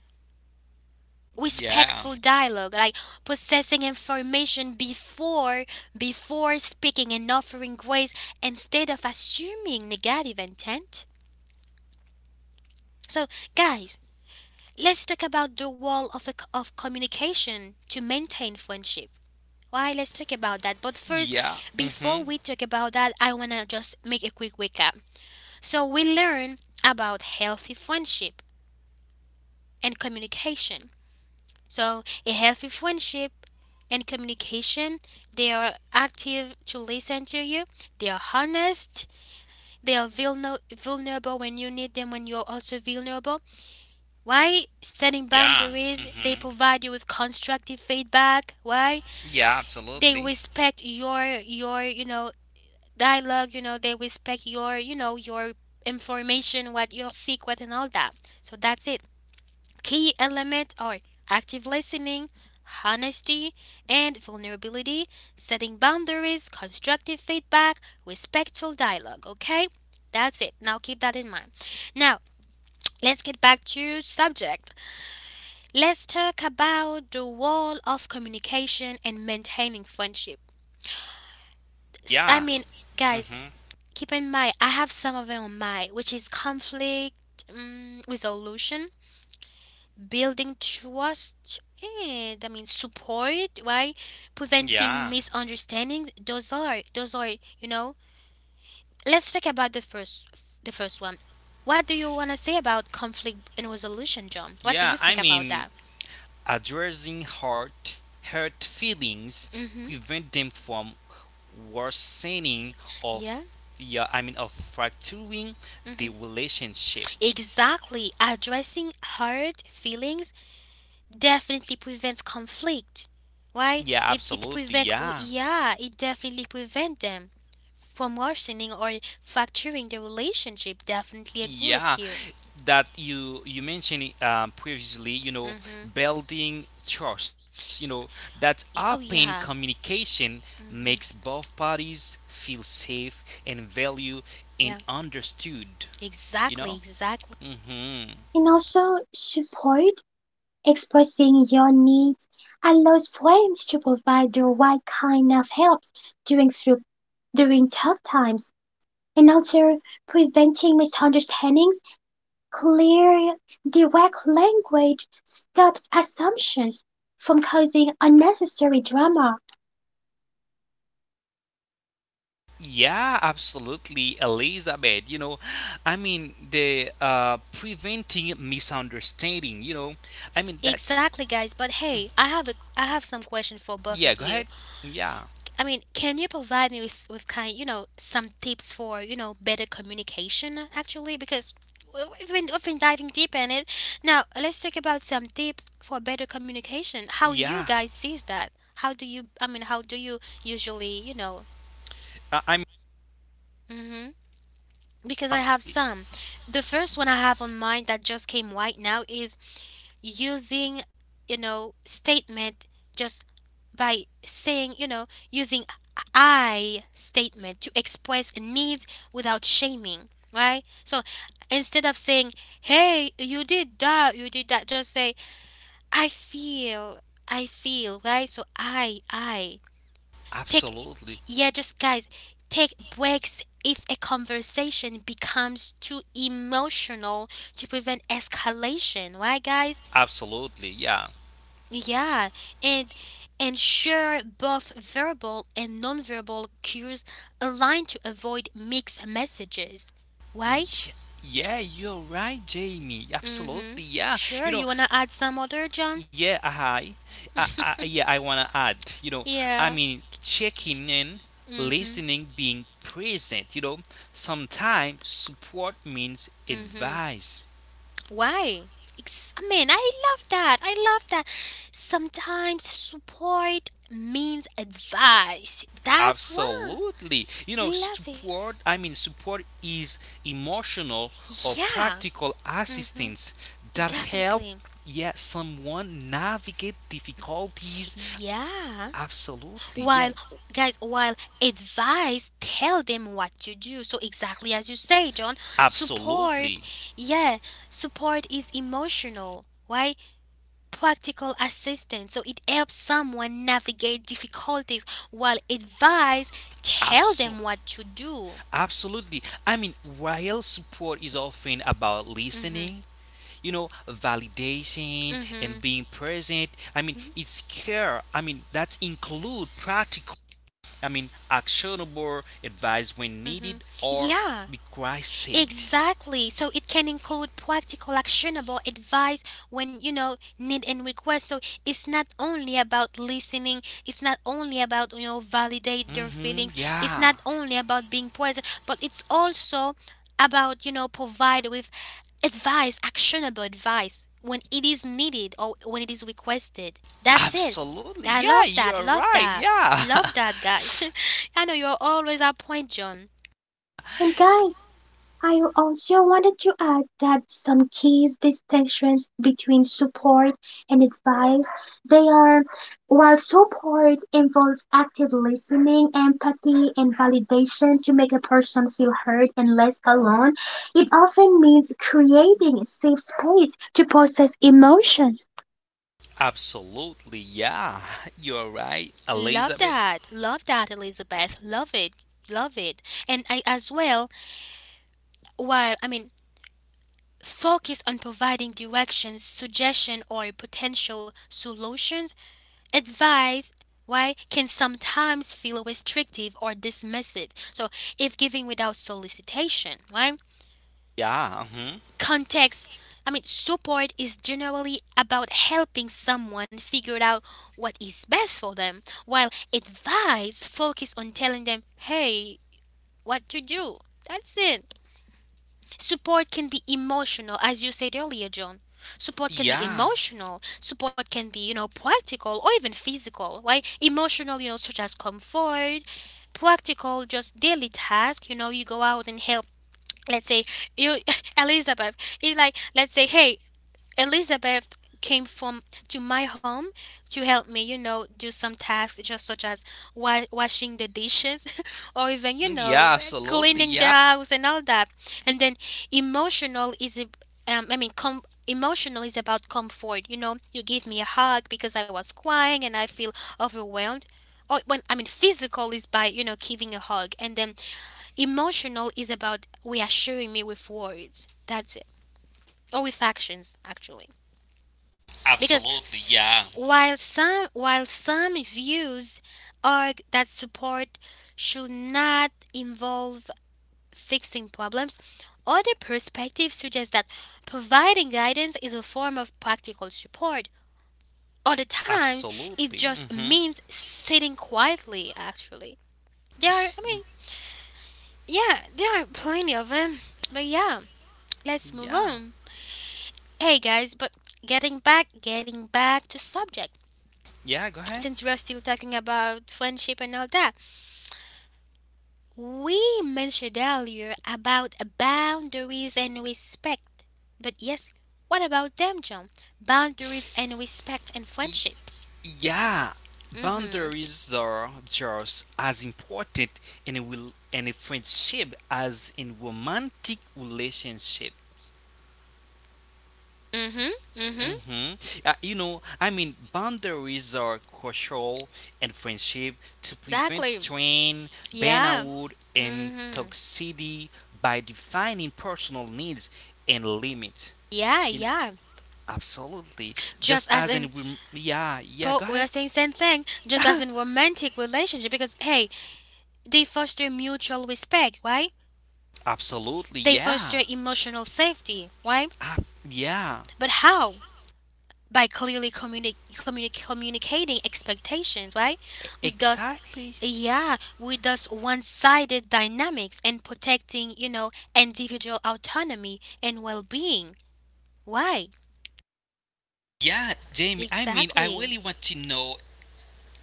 Speaker 2: yeah,
Speaker 1: Respectful dialogue, like processing information before before speaking and offering grace instead of assuming negative intent. So, guys, let's talk about the wall of, the, of communication to maintain friendship. Why? Let's talk about that. But first,
Speaker 2: yeah,
Speaker 1: before
Speaker 2: mm-hmm,
Speaker 1: we talk about that, I want to just make a quick recap. So, we learn about healthy friendship and communication. So, a healthy friendship and communication, they are active to listen to you, they are honest, they are vulner- vulnerable when you need them, when you're also vulnerable. Why setting
Speaker 2: yeah,
Speaker 1: boundaries? They
Speaker 2: mm-hmm,
Speaker 1: provide you with constructive feedback. Why
Speaker 2: yeah,
Speaker 1: they
Speaker 2: absolutely,
Speaker 1: respect your your you know dialogue. You know they respect your, you know, your information, what you seek, what and all that. So that's it. Key element are active listening, honesty, and vulnerability. Setting boundaries, constructive feedback, respectful dialogue. Okay, that's it. Now keep that in mind. Now let's get back to subject. Let's talk about the role of communication and maintaining friendship. S- I
Speaker 2: yeah,
Speaker 1: mean, guys,
Speaker 2: mm-hmm,
Speaker 1: keep in mind, I have some of them on my, which is conflict, um, resolution, building trust, and I mean support, right? Preventing
Speaker 2: yeah,
Speaker 1: misunderstandings. Those are, those are, you know. Let's talk about the first, the first one. What do you want to say about conflict and resolution, John? What do you
Speaker 2: yeah. I
Speaker 1: think about
Speaker 2: mean,
Speaker 1: that?
Speaker 2: addressing hurt, hurt feelings
Speaker 1: Mm-hmm.
Speaker 2: prevent them from worsening
Speaker 1: Yeah.
Speaker 2: of yeah, I mean of fracturing
Speaker 1: Mm-hmm.
Speaker 2: the relationship.
Speaker 1: Exactly. Addressing hard feelings definitely prevents conflict. Why?
Speaker 2: Yeah,
Speaker 1: It it
Speaker 2: absolutely.
Speaker 1: prevent oh,
Speaker 2: Yeah,
Speaker 1: yeah, it definitely prevent them from worsening or fracturing the relationship. Definitely agree
Speaker 2: yeah.
Speaker 1: with you.
Speaker 2: That you you mentioned it, um, previously. You know,
Speaker 1: Mhm.
Speaker 2: building trust. You know that
Speaker 1: E-
Speaker 2: open
Speaker 1: Oh yeah.
Speaker 2: communication makes
Speaker 1: Mhm.
Speaker 2: both parties feel safe and value and
Speaker 1: Yeah.
Speaker 2: understood. You know.
Speaker 1: Exactly, exactly.
Speaker 2: Mm-hmm.
Speaker 3: and also support, expressing your needs, allows friends to provide the right kind of help during through during tough times, and also preventing misunderstandings, clear, direct language stops assumptions from causing unnecessary drama.
Speaker 2: Yeah, absolutely, Elizabeth. You know, I mean, the uh, preventing misunderstanding, you know, I mean, that's
Speaker 1: Exactly guys, but hey, I have a I have some question for both
Speaker 2: yeah,
Speaker 1: of
Speaker 2: go
Speaker 1: you.
Speaker 2: ahead. Yeah,
Speaker 1: I mean, can you provide me with, with kind, you know, some tips for, you know, better communication uh, actually? Because we- we've been, we've been diving deep in it. Now, let's talk about some tips for better communication. How you
Speaker 2: yeah,
Speaker 1: guys sees that? How do you, I mean, how do you usually, you know,
Speaker 2: I, I mean,
Speaker 1: hmm, because I
Speaker 2: um,
Speaker 1: have some. The first one I have on mind that just came right now is using, you know, statement just by saying, you know, using I statement to express needs without shaming, right? So instead of saying, hey, you did that, you did that, just say, I feel, I feel, right? So I, I. Take,
Speaker 2: absolutely,
Speaker 1: yeah, just guys, take breaks if a conversation becomes too emotional to prevent escalation, right, guys?
Speaker 2: absolutely, yeah.
Speaker 1: Yeah, and and share both verbal and nonverbal cues aligned to avoid mixed messages. Why?
Speaker 2: Yeah. Yeah, you're right, Jamie.
Speaker 1: Mm-hmm.
Speaker 2: Absolutely, yeah.
Speaker 1: Sure,
Speaker 2: You
Speaker 1: you
Speaker 2: know,
Speaker 1: wanna add some other, John?
Speaker 2: yeah, I, I, I yeah, I wanna add. You know, I
Speaker 1: Yeah.
Speaker 2: mean, checking in,
Speaker 1: Mm-hmm.
Speaker 2: listening, being present. You know, sometimes support means
Speaker 1: Mm-hmm.
Speaker 2: advice.
Speaker 1: Why? It's, I mean, I love that. I love that. Sometimes support means advice. That's why.
Speaker 2: Absolutely. You know,
Speaker 1: Love it.
Speaker 2: support. I mean, support is emotional or
Speaker 1: Yeah.
Speaker 2: practical
Speaker 1: Mm-hmm.
Speaker 2: assistance that help.
Speaker 1: Definitely.
Speaker 2: Yeah, someone navigate difficulties.
Speaker 1: Yeah.
Speaker 2: Absolutely. Yeah.
Speaker 1: While, guys, while advice tell them what to do, so exactly as you say, John, support,
Speaker 2: Absolutely.
Speaker 1: yeah, support is emotional, right, practical assistance, so it helps someone navigate difficulties while advice tell them what to do.
Speaker 2: Absolutely. I mean, while support is often about
Speaker 1: Mhm.
Speaker 2: listening, you know, validation and
Speaker 1: Mhm.
Speaker 2: being present, I mean,
Speaker 1: Mhm.
Speaker 2: it's care. I mean, that include practical, I mean, actionable advice when needed
Speaker 1: Mhm.
Speaker 2: or
Speaker 1: Yeah.
Speaker 2: requested.
Speaker 1: Exactly. So it can include practical, actionable advice when you know need and request. So it's not only about listening. It's not only about you know validate their
Speaker 2: Mm-hmm.
Speaker 1: feelings. It's
Speaker 2: Yeah.
Speaker 1: not only about being present, but it's also about you know provide with advice, actionable advice when it is needed or when it is requested. That's it.
Speaker 2: Absolutely.
Speaker 1: I
Speaker 2: Yeah,
Speaker 1: love that.
Speaker 2: you're
Speaker 1: Love
Speaker 2: right.
Speaker 1: that.
Speaker 2: Yeah.
Speaker 1: Love that, guys. I know you're always on point, John.
Speaker 3: And guys, I also wanted to add that some key distinctions between support and advice, they are: while support involves active listening, empathy and validation to make a person feel heard and less alone, it often means creating a safe space to process emotions.
Speaker 2: Absolutely. Yeah. You're right,
Speaker 1: Love
Speaker 2: Elizabeth.
Speaker 1: that. Love that, Elizabeth. Love it. Love it. And I, as well, while I mean, focus on providing directions, suggestion, or potential solutions. Advice, why, can sometimes feel restrictive or dismissive. So, if giving without solicitation, right?
Speaker 2: Yeah. Mhm.
Speaker 1: Context, I mean, support is generally about helping someone figure out what is best for them, while advice focus on telling them, hey, what to do. That's it. Support can be emotional, as you said earlier, John. Support can be
Speaker 2: Yeah.
Speaker 1: emotional. Support can be, you know, practical or even physical, right? Emotional, you know, such as comfort. Practical, just daily task. You know, you go out and help. Let's say you, Elizabeth, it's like, let's say, hey, Elizabeth came from to my home to help me, you know, do some tasks just such as wa- washing the dishes or even, you
Speaker 2: Yeah,
Speaker 1: know,
Speaker 2: absolutely. Yeah.
Speaker 1: cleaning the house and all that. And then emotional is a- um, I mean, com- emotional is about comfort, you know. You give me a hug because I was crying and I feel overwhelmed. Or when, I mean, physical is by, you know, giving a hug, and then emotional is about reassuring me with words. That's it. Or with actions actually, because
Speaker 2: Absolutely. Yeah.
Speaker 1: while some while some views argue that support should not involve fixing problems, other perspectives suggest that providing guidance is a form of practical support. Other times
Speaker 2: Absolutely.
Speaker 1: it just
Speaker 2: Mhm.
Speaker 1: means sitting quietly actually. There are I mean,
Speaker 2: Y-
Speaker 1: yeah, there are plenty of them. But yeah, let's move
Speaker 2: yeah.
Speaker 1: on. Hey guys, but getting back getting back to subject,
Speaker 2: Yeah, go ahead.
Speaker 1: since we're still talking about friendship and all that. We mentioned earlier about boundaries and respect. But yes, what about them, John? Boundaries and respect and
Speaker 2: Y-
Speaker 1: friendship.
Speaker 2: Yeah.
Speaker 1: Mhm.
Speaker 2: Boundaries are just as important in a will in a friendship as in romantic relationships.
Speaker 1: Mhm. Mhm.
Speaker 2: Hmm Uh, you know, I mean, boundaries are crucial in friendship to prevent
Speaker 1: Exactly.
Speaker 2: strain,
Speaker 1: Yeah.
Speaker 2: burnout, and
Speaker 1: Mhm.
Speaker 2: toxicity by defining personal needs and limits.
Speaker 1: Yeah,
Speaker 2: You know,
Speaker 1: yeah.
Speaker 2: absolutely.
Speaker 1: Just
Speaker 2: Just
Speaker 1: as
Speaker 2: as
Speaker 1: in
Speaker 2: in, rem- yeah, yeah,
Speaker 1: po-
Speaker 2: go
Speaker 1: We are
Speaker 2: ahead.
Speaker 1: saying same thing, just as in romantic relationship, because hey, they foster mutual respect, right?
Speaker 2: Absolutely,
Speaker 1: They
Speaker 2: yeah.
Speaker 1: foster emotional safety, right?
Speaker 2: Ah, yeah,
Speaker 1: But how? By clearly communi- communi- communicating expectations, right?
Speaker 2: e-
Speaker 1: With thus,
Speaker 2: exactly.
Speaker 1: yeah, with thus one-sided dynamics, and protecting, you know, individual autonomy and well-being. Why?
Speaker 2: Yeah, Jamie, I mean, I
Speaker 1: Exactly.
Speaker 2: really want to know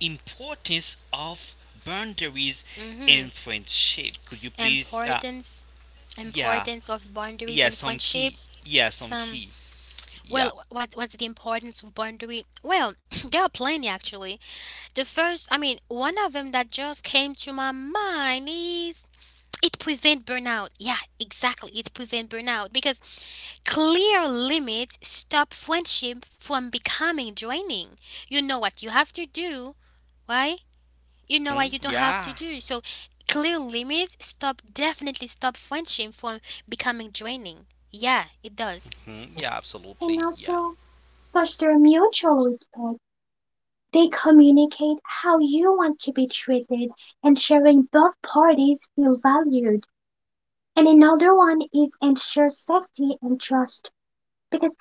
Speaker 2: importance of boundaries
Speaker 1: Mm-hmm.
Speaker 2: in friendship. Could you please? Uh,
Speaker 1: Importance,
Speaker 2: yeah,
Speaker 1: importance of boundaries
Speaker 2: yeah,
Speaker 1: and
Speaker 2: some
Speaker 1: friendship.
Speaker 2: key. Yeah, some
Speaker 1: Some,
Speaker 2: key. Yeah,
Speaker 1: well, what what's the importance of boundary? Well, there are plenty actually. The first, I mean, one of them that just came to my mind is it prevent burnout, yeah, exactly, it prevent burnout because clear limits stop friendship from becoming draining. You know what you have to do, right? You know what
Speaker 2: mhm,
Speaker 1: you don't have to
Speaker 2: yeah,
Speaker 1: do. So clear limits stop, definitely stop friendship from becoming draining. Yeah, it does.
Speaker 2: mhm, yeah,
Speaker 3: And
Speaker 2: absolutely. Yeah,
Speaker 3: also foster mutual respect. They communicate how you want to be treated and sharing both parties feel valued. And another one is ensure safety and trust because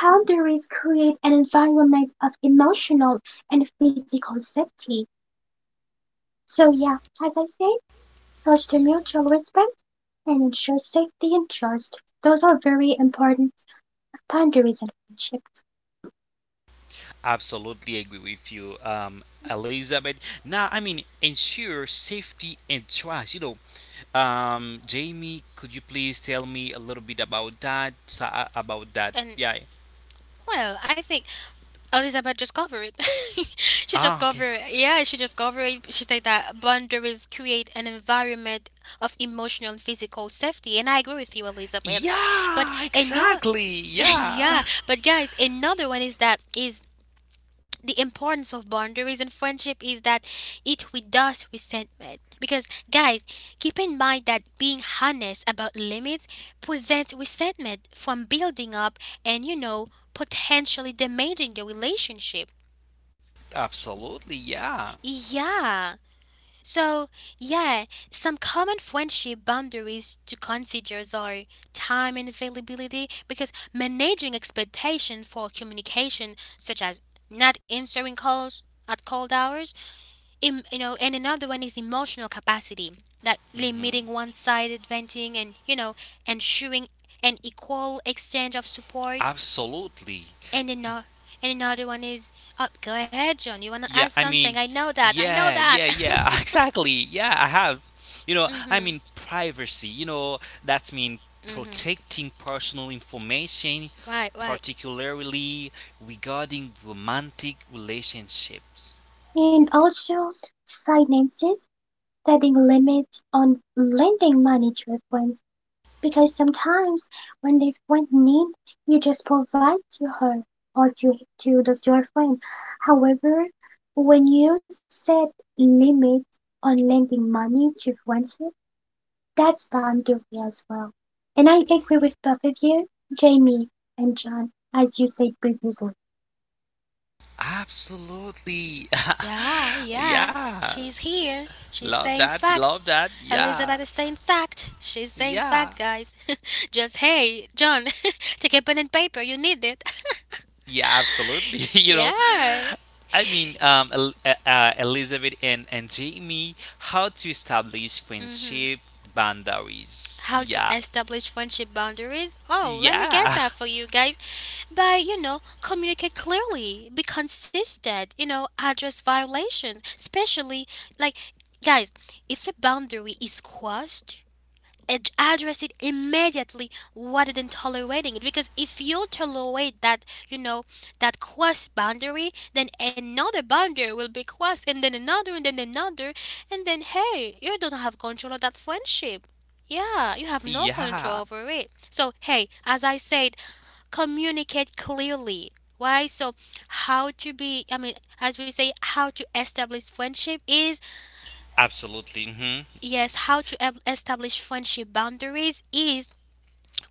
Speaker 3: boundaries create an environment of emotional and physical safety. So, yeah, as I say, foster mutual respect and ensure safety and trust. Those are very important boundaries in friendships.
Speaker 2: absolutely agree with you, um, Elizabeth. Now, I mean, ensure safety and trust. You know, um, Jamie, could you please tell me a little bit about that? So, uh, about that?
Speaker 1: And,
Speaker 2: Yeah.
Speaker 1: well, I think... Oh, Elizabeth just covered it. she just
Speaker 2: Ah,
Speaker 1: covered
Speaker 2: okay.
Speaker 1: it. Yeah, she just covered it. She said that boundaries create an environment of emotional and physical safety. And I agree with you, Elizabeth.
Speaker 2: Yeah,
Speaker 1: But another,
Speaker 2: exactly.
Speaker 1: yeah,
Speaker 2: Yeah.
Speaker 1: but guys, another one is that, is the importance of boundaries in friendship is that it reduces resentment. Because guys, keep in mind that being honest about limits prevents resentment from building up and, you know, potentially damaging the relationship.
Speaker 2: Absolutely, yeah.
Speaker 1: Yeah. So, yeah, some common friendship boundaries to consider are time and availability, because managing expectation for communication, such as not answering calls at cold hours, em- you know, and another one is emotional capacity, like
Speaker 2: Mhm.
Speaker 1: limiting one-sided venting and, you know, ensuring an equal exchange of support.
Speaker 2: Absolutely.
Speaker 1: and another and another one is... Oh, go ahead, John. You want to add
Speaker 2: Yeah, I
Speaker 1: something?
Speaker 2: mean,
Speaker 1: I know that. I know
Speaker 2: yeah,
Speaker 1: that.
Speaker 2: yeah, yeah, exactly. Yeah, I have. You know, I
Speaker 1: mhm.
Speaker 2: mean, privacy, you know, that's mean
Speaker 1: Mm-hmm.
Speaker 2: protecting personal information,
Speaker 1: Right, right.
Speaker 2: particularly regarding romantic relationships.
Speaker 3: And also, finances, setting limits on lending money to your friends. Because sometimes when they went mean, you just polite to her or to to the, your friend. However, when you set limit on lending money to friendship, that's done guilty as well. And I agree with both of you, Jamie and John, as you said previously.
Speaker 2: Absolutely.
Speaker 1: Yeah, yeah.
Speaker 2: yeah.
Speaker 1: She's here. She's
Speaker 2: Love
Speaker 1: saying
Speaker 2: that.
Speaker 1: fact.
Speaker 2: Love that.
Speaker 1: Elizabeth
Speaker 2: Yeah.
Speaker 1: is saying fact. She's saying
Speaker 2: Yeah.
Speaker 1: fact, guys. Just hey, John, take a pen and paper. You need it.
Speaker 2: Yeah, absolutely. you know,
Speaker 1: yeah.
Speaker 2: I mean, um, El- uh, uh, Elizabeth and, and Jamie, how to establish
Speaker 1: Mm-hmm.
Speaker 2: friendship boundaries.
Speaker 1: How to
Speaker 2: Yeah.
Speaker 1: establish friendship boundaries? Oh, let me get
Speaker 2: Yeah.
Speaker 1: that for you guys. By, you know, communicate clearly, be consistent, you know, address violations, especially like, guys, if a boundary is crossed, ad- address it immediately rather than tolerating it, because if you tolerate that, you know, that cross boundary, then another boundary will be crossed, and then another, and then another, and then hey, you don't have control of that friendship. Yeah, you have no
Speaker 2: Yeah.
Speaker 1: control over it. So hey, as I said, communicate clearly. Why? So how to be, i mean as we say, how to establish friendship is,
Speaker 2: Absolutely. Hmm
Speaker 1: yes, how to eb- establish friendship boundaries is: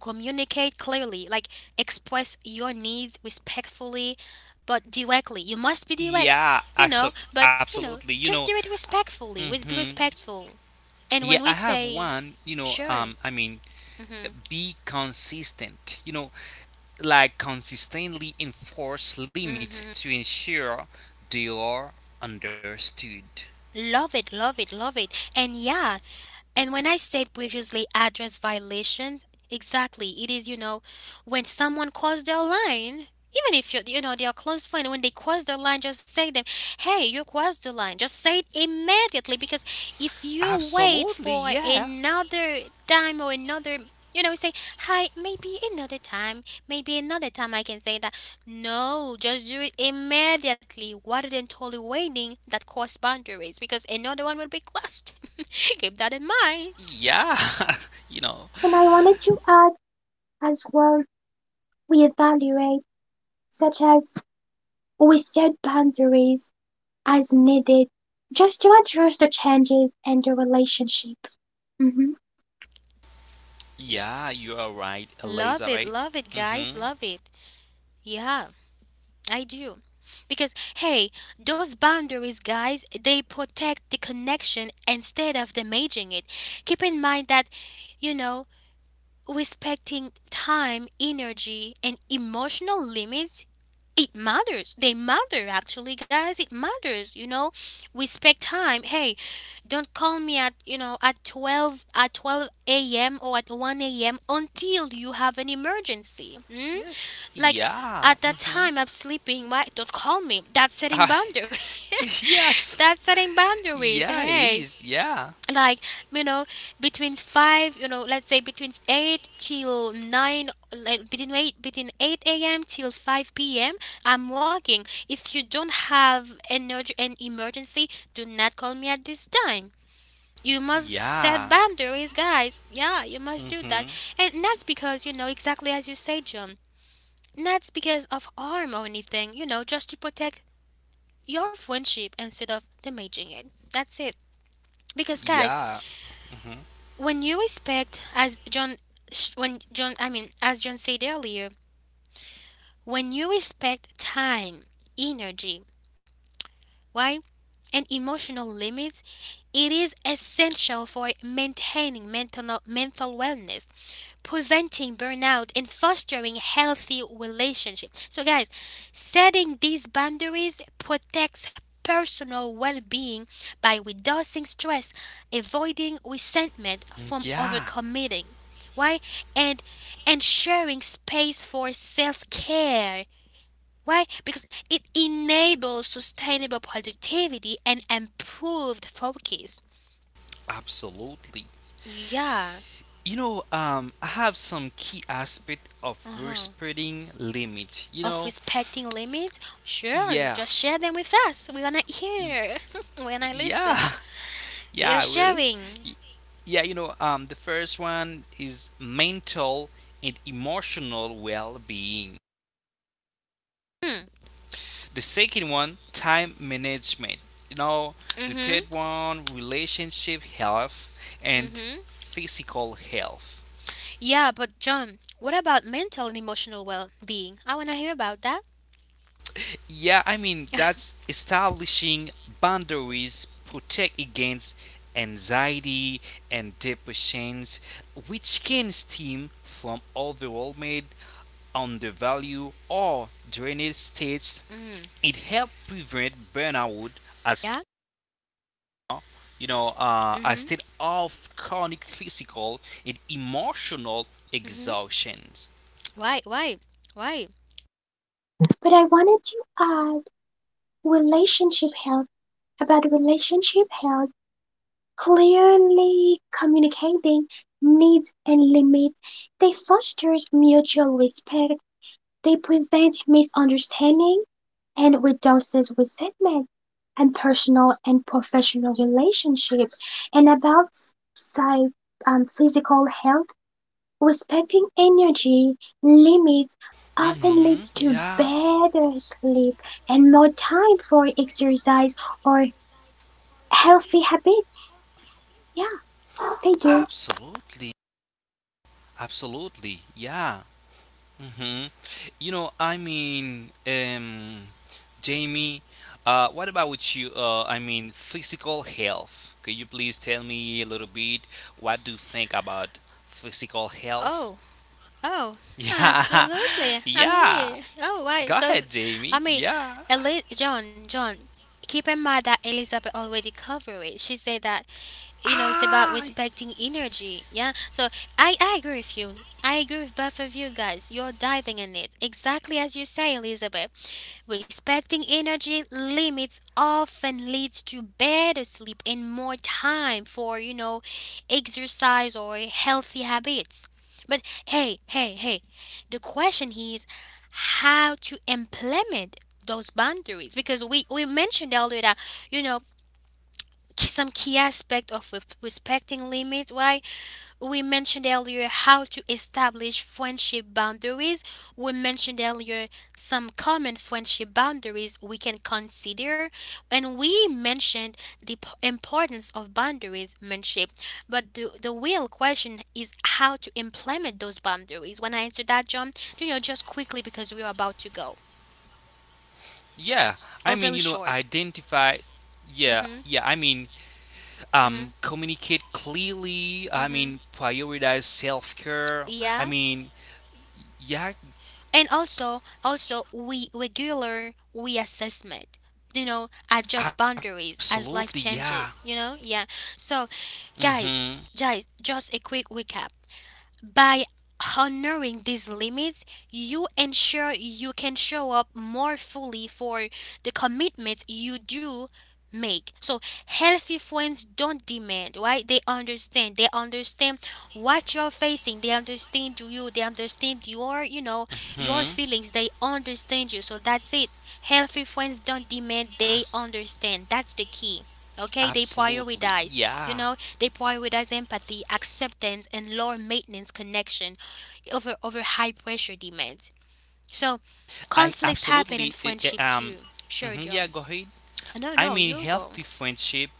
Speaker 1: communicate clearly, like, express your needs respectfully, but directly. You must be direct,
Speaker 2: Yeah.
Speaker 1: you know,
Speaker 2: Axo-
Speaker 1: but, you
Speaker 2: absolutely.
Speaker 1: know,
Speaker 2: You know,
Speaker 1: just do it respectfully. With, be
Speaker 2: hmm
Speaker 1: respectful.
Speaker 2: yeah,
Speaker 1: And
Speaker 2: I
Speaker 1: when we
Speaker 2: have
Speaker 1: say,
Speaker 2: one, you know, um,
Speaker 1: sure,
Speaker 2: I mean,
Speaker 1: mm-hmm,
Speaker 2: be consistent, you know, like consistently enforce limit
Speaker 1: mm-hmm,
Speaker 2: to ensure they are understood.
Speaker 1: love it, love it, love it, and yeah, and when I said previously address violations, exactly, it is, you know, when someone crossed their line, even if you're, you know, they're close friend, when they cross their line, just say them, hey, you crossed the line. Just say it immediately, because if you wait
Speaker 2: Absolutely.
Speaker 1: for
Speaker 2: Yeah.
Speaker 1: another time, or another, you know, say, hi, maybe another time, maybe another time I can say that. No, just do it immediately rather than totally waiting that cross boundaries, because another one will be crossed. Keep that in mind.
Speaker 2: Yeah, you know,
Speaker 3: And I wanted to add as well, we evaluate, such as we set boundaries as needed just to address the changes in the relationship. Mhm.
Speaker 2: yeah, you are right,
Speaker 1: Love it,
Speaker 2: Elizabeth.
Speaker 1: love it, guys,
Speaker 2: Mm-hmm.
Speaker 1: love it. Yeah, I do. Because hey, those boundaries, guys, they protect the connection instead of damaging it. Keep in mind that, you know, respecting time, energy, and emotional limits, it matters, they matter actually, guys, it matters, you know. We spend time. Hey, don't call me at, you know, at twelve, at twelve a m or at one a m until you have an emergency. Mm?
Speaker 2: Yes.
Speaker 1: Like,
Speaker 2: Yeah.
Speaker 1: at that
Speaker 2: Mm-hmm.
Speaker 1: time I'm sleeping. Why don't call me? That's setting
Speaker 2: Ah,
Speaker 1: boundaries.
Speaker 2: yeah, ex-
Speaker 1: that's setting boundaries.
Speaker 2: yeah, it
Speaker 1: Hey,
Speaker 2: is. Yeah.
Speaker 1: like, you know, between five, you know, let's say between eight till nine, like between eight, between eight a m till five p m, I'm working. If you don't have an, urg- an emergency, do not call me at this time. You must
Speaker 2: Yeah.
Speaker 1: set boundaries, guys. Yeah, you must do
Speaker 2: Mm-hmm.
Speaker 1: that. And that's because, you know, exactly as you say, John, that's because of harm or anything, you know, just to protect your friendship instead of damaging it. That's it. Because guys,
Speaker 2: Yeah. Mm-hmm.
Speaker 1: when you respect, as john sh- when john I mean, as John said earlier, when you respect time, energy, why, and emotional limits, it is essential for maintaining mental mental wellness, preventing burnout, and fostering healthy relationships. So guys, setting these boundaries protects personal well-being by reducing stress, avoiding resentment from
Speaker 2: Yeah,
Speaker 1: overcommitting. Why? And ensuring space for self-care. Why? Because it enables sustainable productivity and improved focus.
Speaker 2: absolutely.
Speaker 1: Yeah.
Speaker 2: You know, um, I have some key aspect of
Speaker 1: Uh-huh.
Speaker 2: respecting limits. You
Speaker 1: Of
Speaker 2: know,
Speaker 1: respecting limits, sure,
Speaker 2: yeah,
Speaker 1: just share them with us. We wanna
Speaker 2: y-
Speaker 1: hear. when I listen,
Speaker 2: yeah,
Speaker 1: we
Speaker 2: yeah,
Speaker 1: are
Speaker 2: I will.
Speaker 1: sharing.
Speaker 2: Y- Yeah, you know, um, the first one is mental and emotional well-being.
Speaker 1: Hmm.
Speaker 2: The second one, time management. You know, the
Speaker 1: Mhm.
Speaker 2: third one, relationship health and
Speaker 1: Mhm.
Speaker 2: physical health.
Speaker 1: Yeah, but John, what about mental and emotional well-being? I wanna hear about that.
Speaker 2: Yeah, I mean, that's establishing boundaries protect against anxiety and depressions, which can stem from overwhelmed, undervalued, or drained states.
Speaker 1: Mhm.
Speaker 2: It helps prevent burnout as
Speaker 1: Yeah.
Speaker 2: you know, uh, a
Speaker 1: Mhm.
Speaker 2: state of chronic physical and emotional
Speaker 1: Mhm.
Speaker 2: exhaustions.
Speaker 1: Why? Why? Why?
Speaker 3: But I wanted to add relationship health. About relationship health, clearly communicating needs and limits. They fosters mutual respect. They prevent misunderstanding and reduces resentment and personal and professional relationship. And about psy- um, physical health. Respecting energy limits often
Speaker 2: Hmm
Speaker 3: leads to
Speaker 2: Yeah,
Speaker 3: better sleep and more time for exercise or healthy habits. Yeah, they do.
Speaker 2: absolutely, absolutely, yeah. hmm You know, I mean, um, Jamie, uh, what about you? Uh, I mean, physical health. Could you please tell me a little bit what do you think about physical health?
Speaker 1: Oh. Oh.
Speaker 2: Yeah,
Speaker 1: Absolutely. I'm
Speaker 2: yeah.
Speaker 1: here. Oh, why?
Speaker 2: Go
Speaker 1: So it's...
Speaker 2: ahead, Jamie.
Speaker 1: I mean,
Speaker 2: Yeah.
Speaker 1: Eli- John. John. Keep in mind that Elizabeth already covered it. She said that, you know, it's about
Speaker 2: Ah,
Speaker 1: respecting energy. Yeah, so i i agree with you. I agree with both of you, guys. You're diving in it, exactly as you say, Elizabeth. Respecting energy limits often leads to better sleep and more time for, you know, exercise or healthy habits. But hey, hey, hey, the question is, how to implement those boundaries? Because we we mentioned earlier that, you know, some key aspect of re- respecting limits. Why? We mentioned earlier how to establish friendship boundaries. We mentioned earlier some common friendship boundaries we can consider, and we mentioned the p- importance of boundaries, friendship. But the the real question is how to implement those boundaries. When I answer that, John, you know, just quickly, because we are about to go.
Speaker 2: yeah. I
Speaker 1: Oh,
Speaker 2: mean,
Speaker 1: very
Speaker 2: you know,
Speaker 1: short.
Speaker 2: identify. Yeah,
Speaker 1: Mhm.
Speaker 2: yeah. I mean, um,
Speaker 1: Mhm.
Speaker 2: communicate clearly. I
Speaker 1: Mhm.
Speaker 2: mean, prioritize self care. I
Speaker 1: Yeah.
Speaker 2: mean, yeah.
Speaker 1: And also also, we regular reassessment, you know, adjust
Speaker 2: Absolutely,
Speaker 1: boundaries as
Speaker 2: yeah.
Speaker 1: life changes, you know. Yeah, so
Speaker 2: Mm-hmm.
Speaker 1: guys, guys just a quick recap. By honoring these limits, you ensure you can show up more fully for the commitments you do make. So healthy friends don't demand, right? They understand. They understand what you're facing. They understand you. They understand your, you know,
Speaker 2: hmm
Speaker 1: your feelings. They understand you. So that's it. Healthy friends don't demand,
Speaker 2: Abs-
Speaker 1: they understand. That's the key. Okay, they
Speaker 2: absolutely,
Speaker 1: prioritize,
Speaker 2: yeah.
Speaker 1: you know, they prioritize empathy, acceptance, and lower maintenance connection over over high pressure demands. So,
Speaker 2: I
Speaker 1: conflicts happen in
Speaker 2: absolutely I- I-
Speaker 1: friendship
Speaker 2: um.
Speaker 1: too. Sure,
Speaker 2: Mhm,
Speaker 1: John.
Speaker 2: yeah, go ahead.
Speaker 1: No,
Speaker 2: I
Speaker 1: no,
Speaker 2: mean,
Speaker 1: you go.
Speaker 2: healthy friendship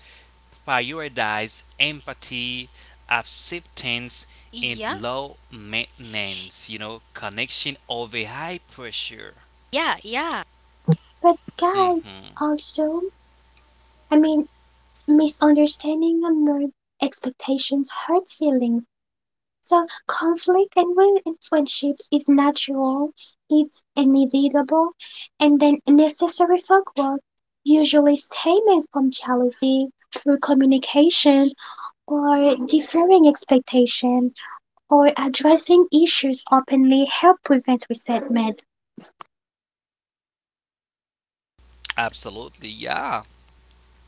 Speaker 2: prioritize empathy, acceptance, and
Speaker 1: Yeah,
Speaker 2: low maintenance. You know, connection over high pressure.
Speaker 1: yeah, yeah.
Speaker 3: But guys,
Speaker 2: Mm-hmm.
Speaker 3: also, I mean, misunderstanding and expectations hurt feelings. So conflict and will in friendship is natural, it's inevitable, and then necessary for growth, usually stemming from jealousy through communication or differing expectation, or addressing issues openly help prevent resentment
Speaker 2: Absolutely, yeah,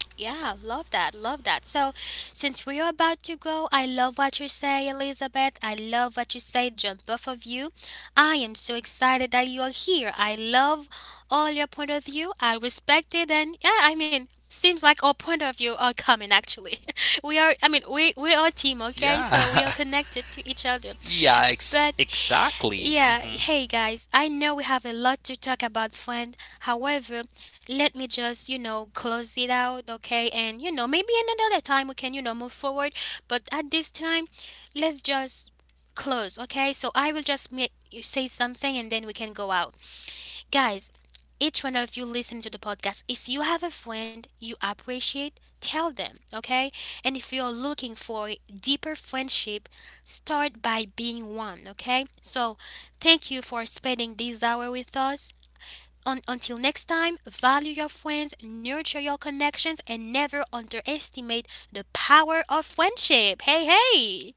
Speaker 1: Yeah, love that, love that. So, since we are about to go, I love what you say, Elizabeth. I love what you say, John, both of you. I am so excited that you are here. I love all your point of view. I respect it, and yeah, I mean, seems like all point of view are common. Actually, we are. I mean, we we are a team, okay? So we are
Speaker 2: yeah,
Speaker 1: connected to each other.
Speaker 2: yeah. Ex-
Speaker 1: But
Speaker 2: exactly.
Speaker 1: yeah,
Speaker 2: Mm-hmm.
Speaker 1: hey guys, I know we have a lot to talk about, friend. However, let me just, you know, close it out, okay? And, you know, maybe another time we can, you know, move forward. But at this time, let's just close, okay? So I will just make you say something and then we can go out. Guys, each one of you listening to the podcast, if you have a friend you appreciate, tell them, okay? And if you're looking for a deeper friendship, start by being one, okay? So, thank you for spending this hour with us. Un- until next time, value your friends, nurture your connections, and never underestimate the power of friendship. Hey, hey!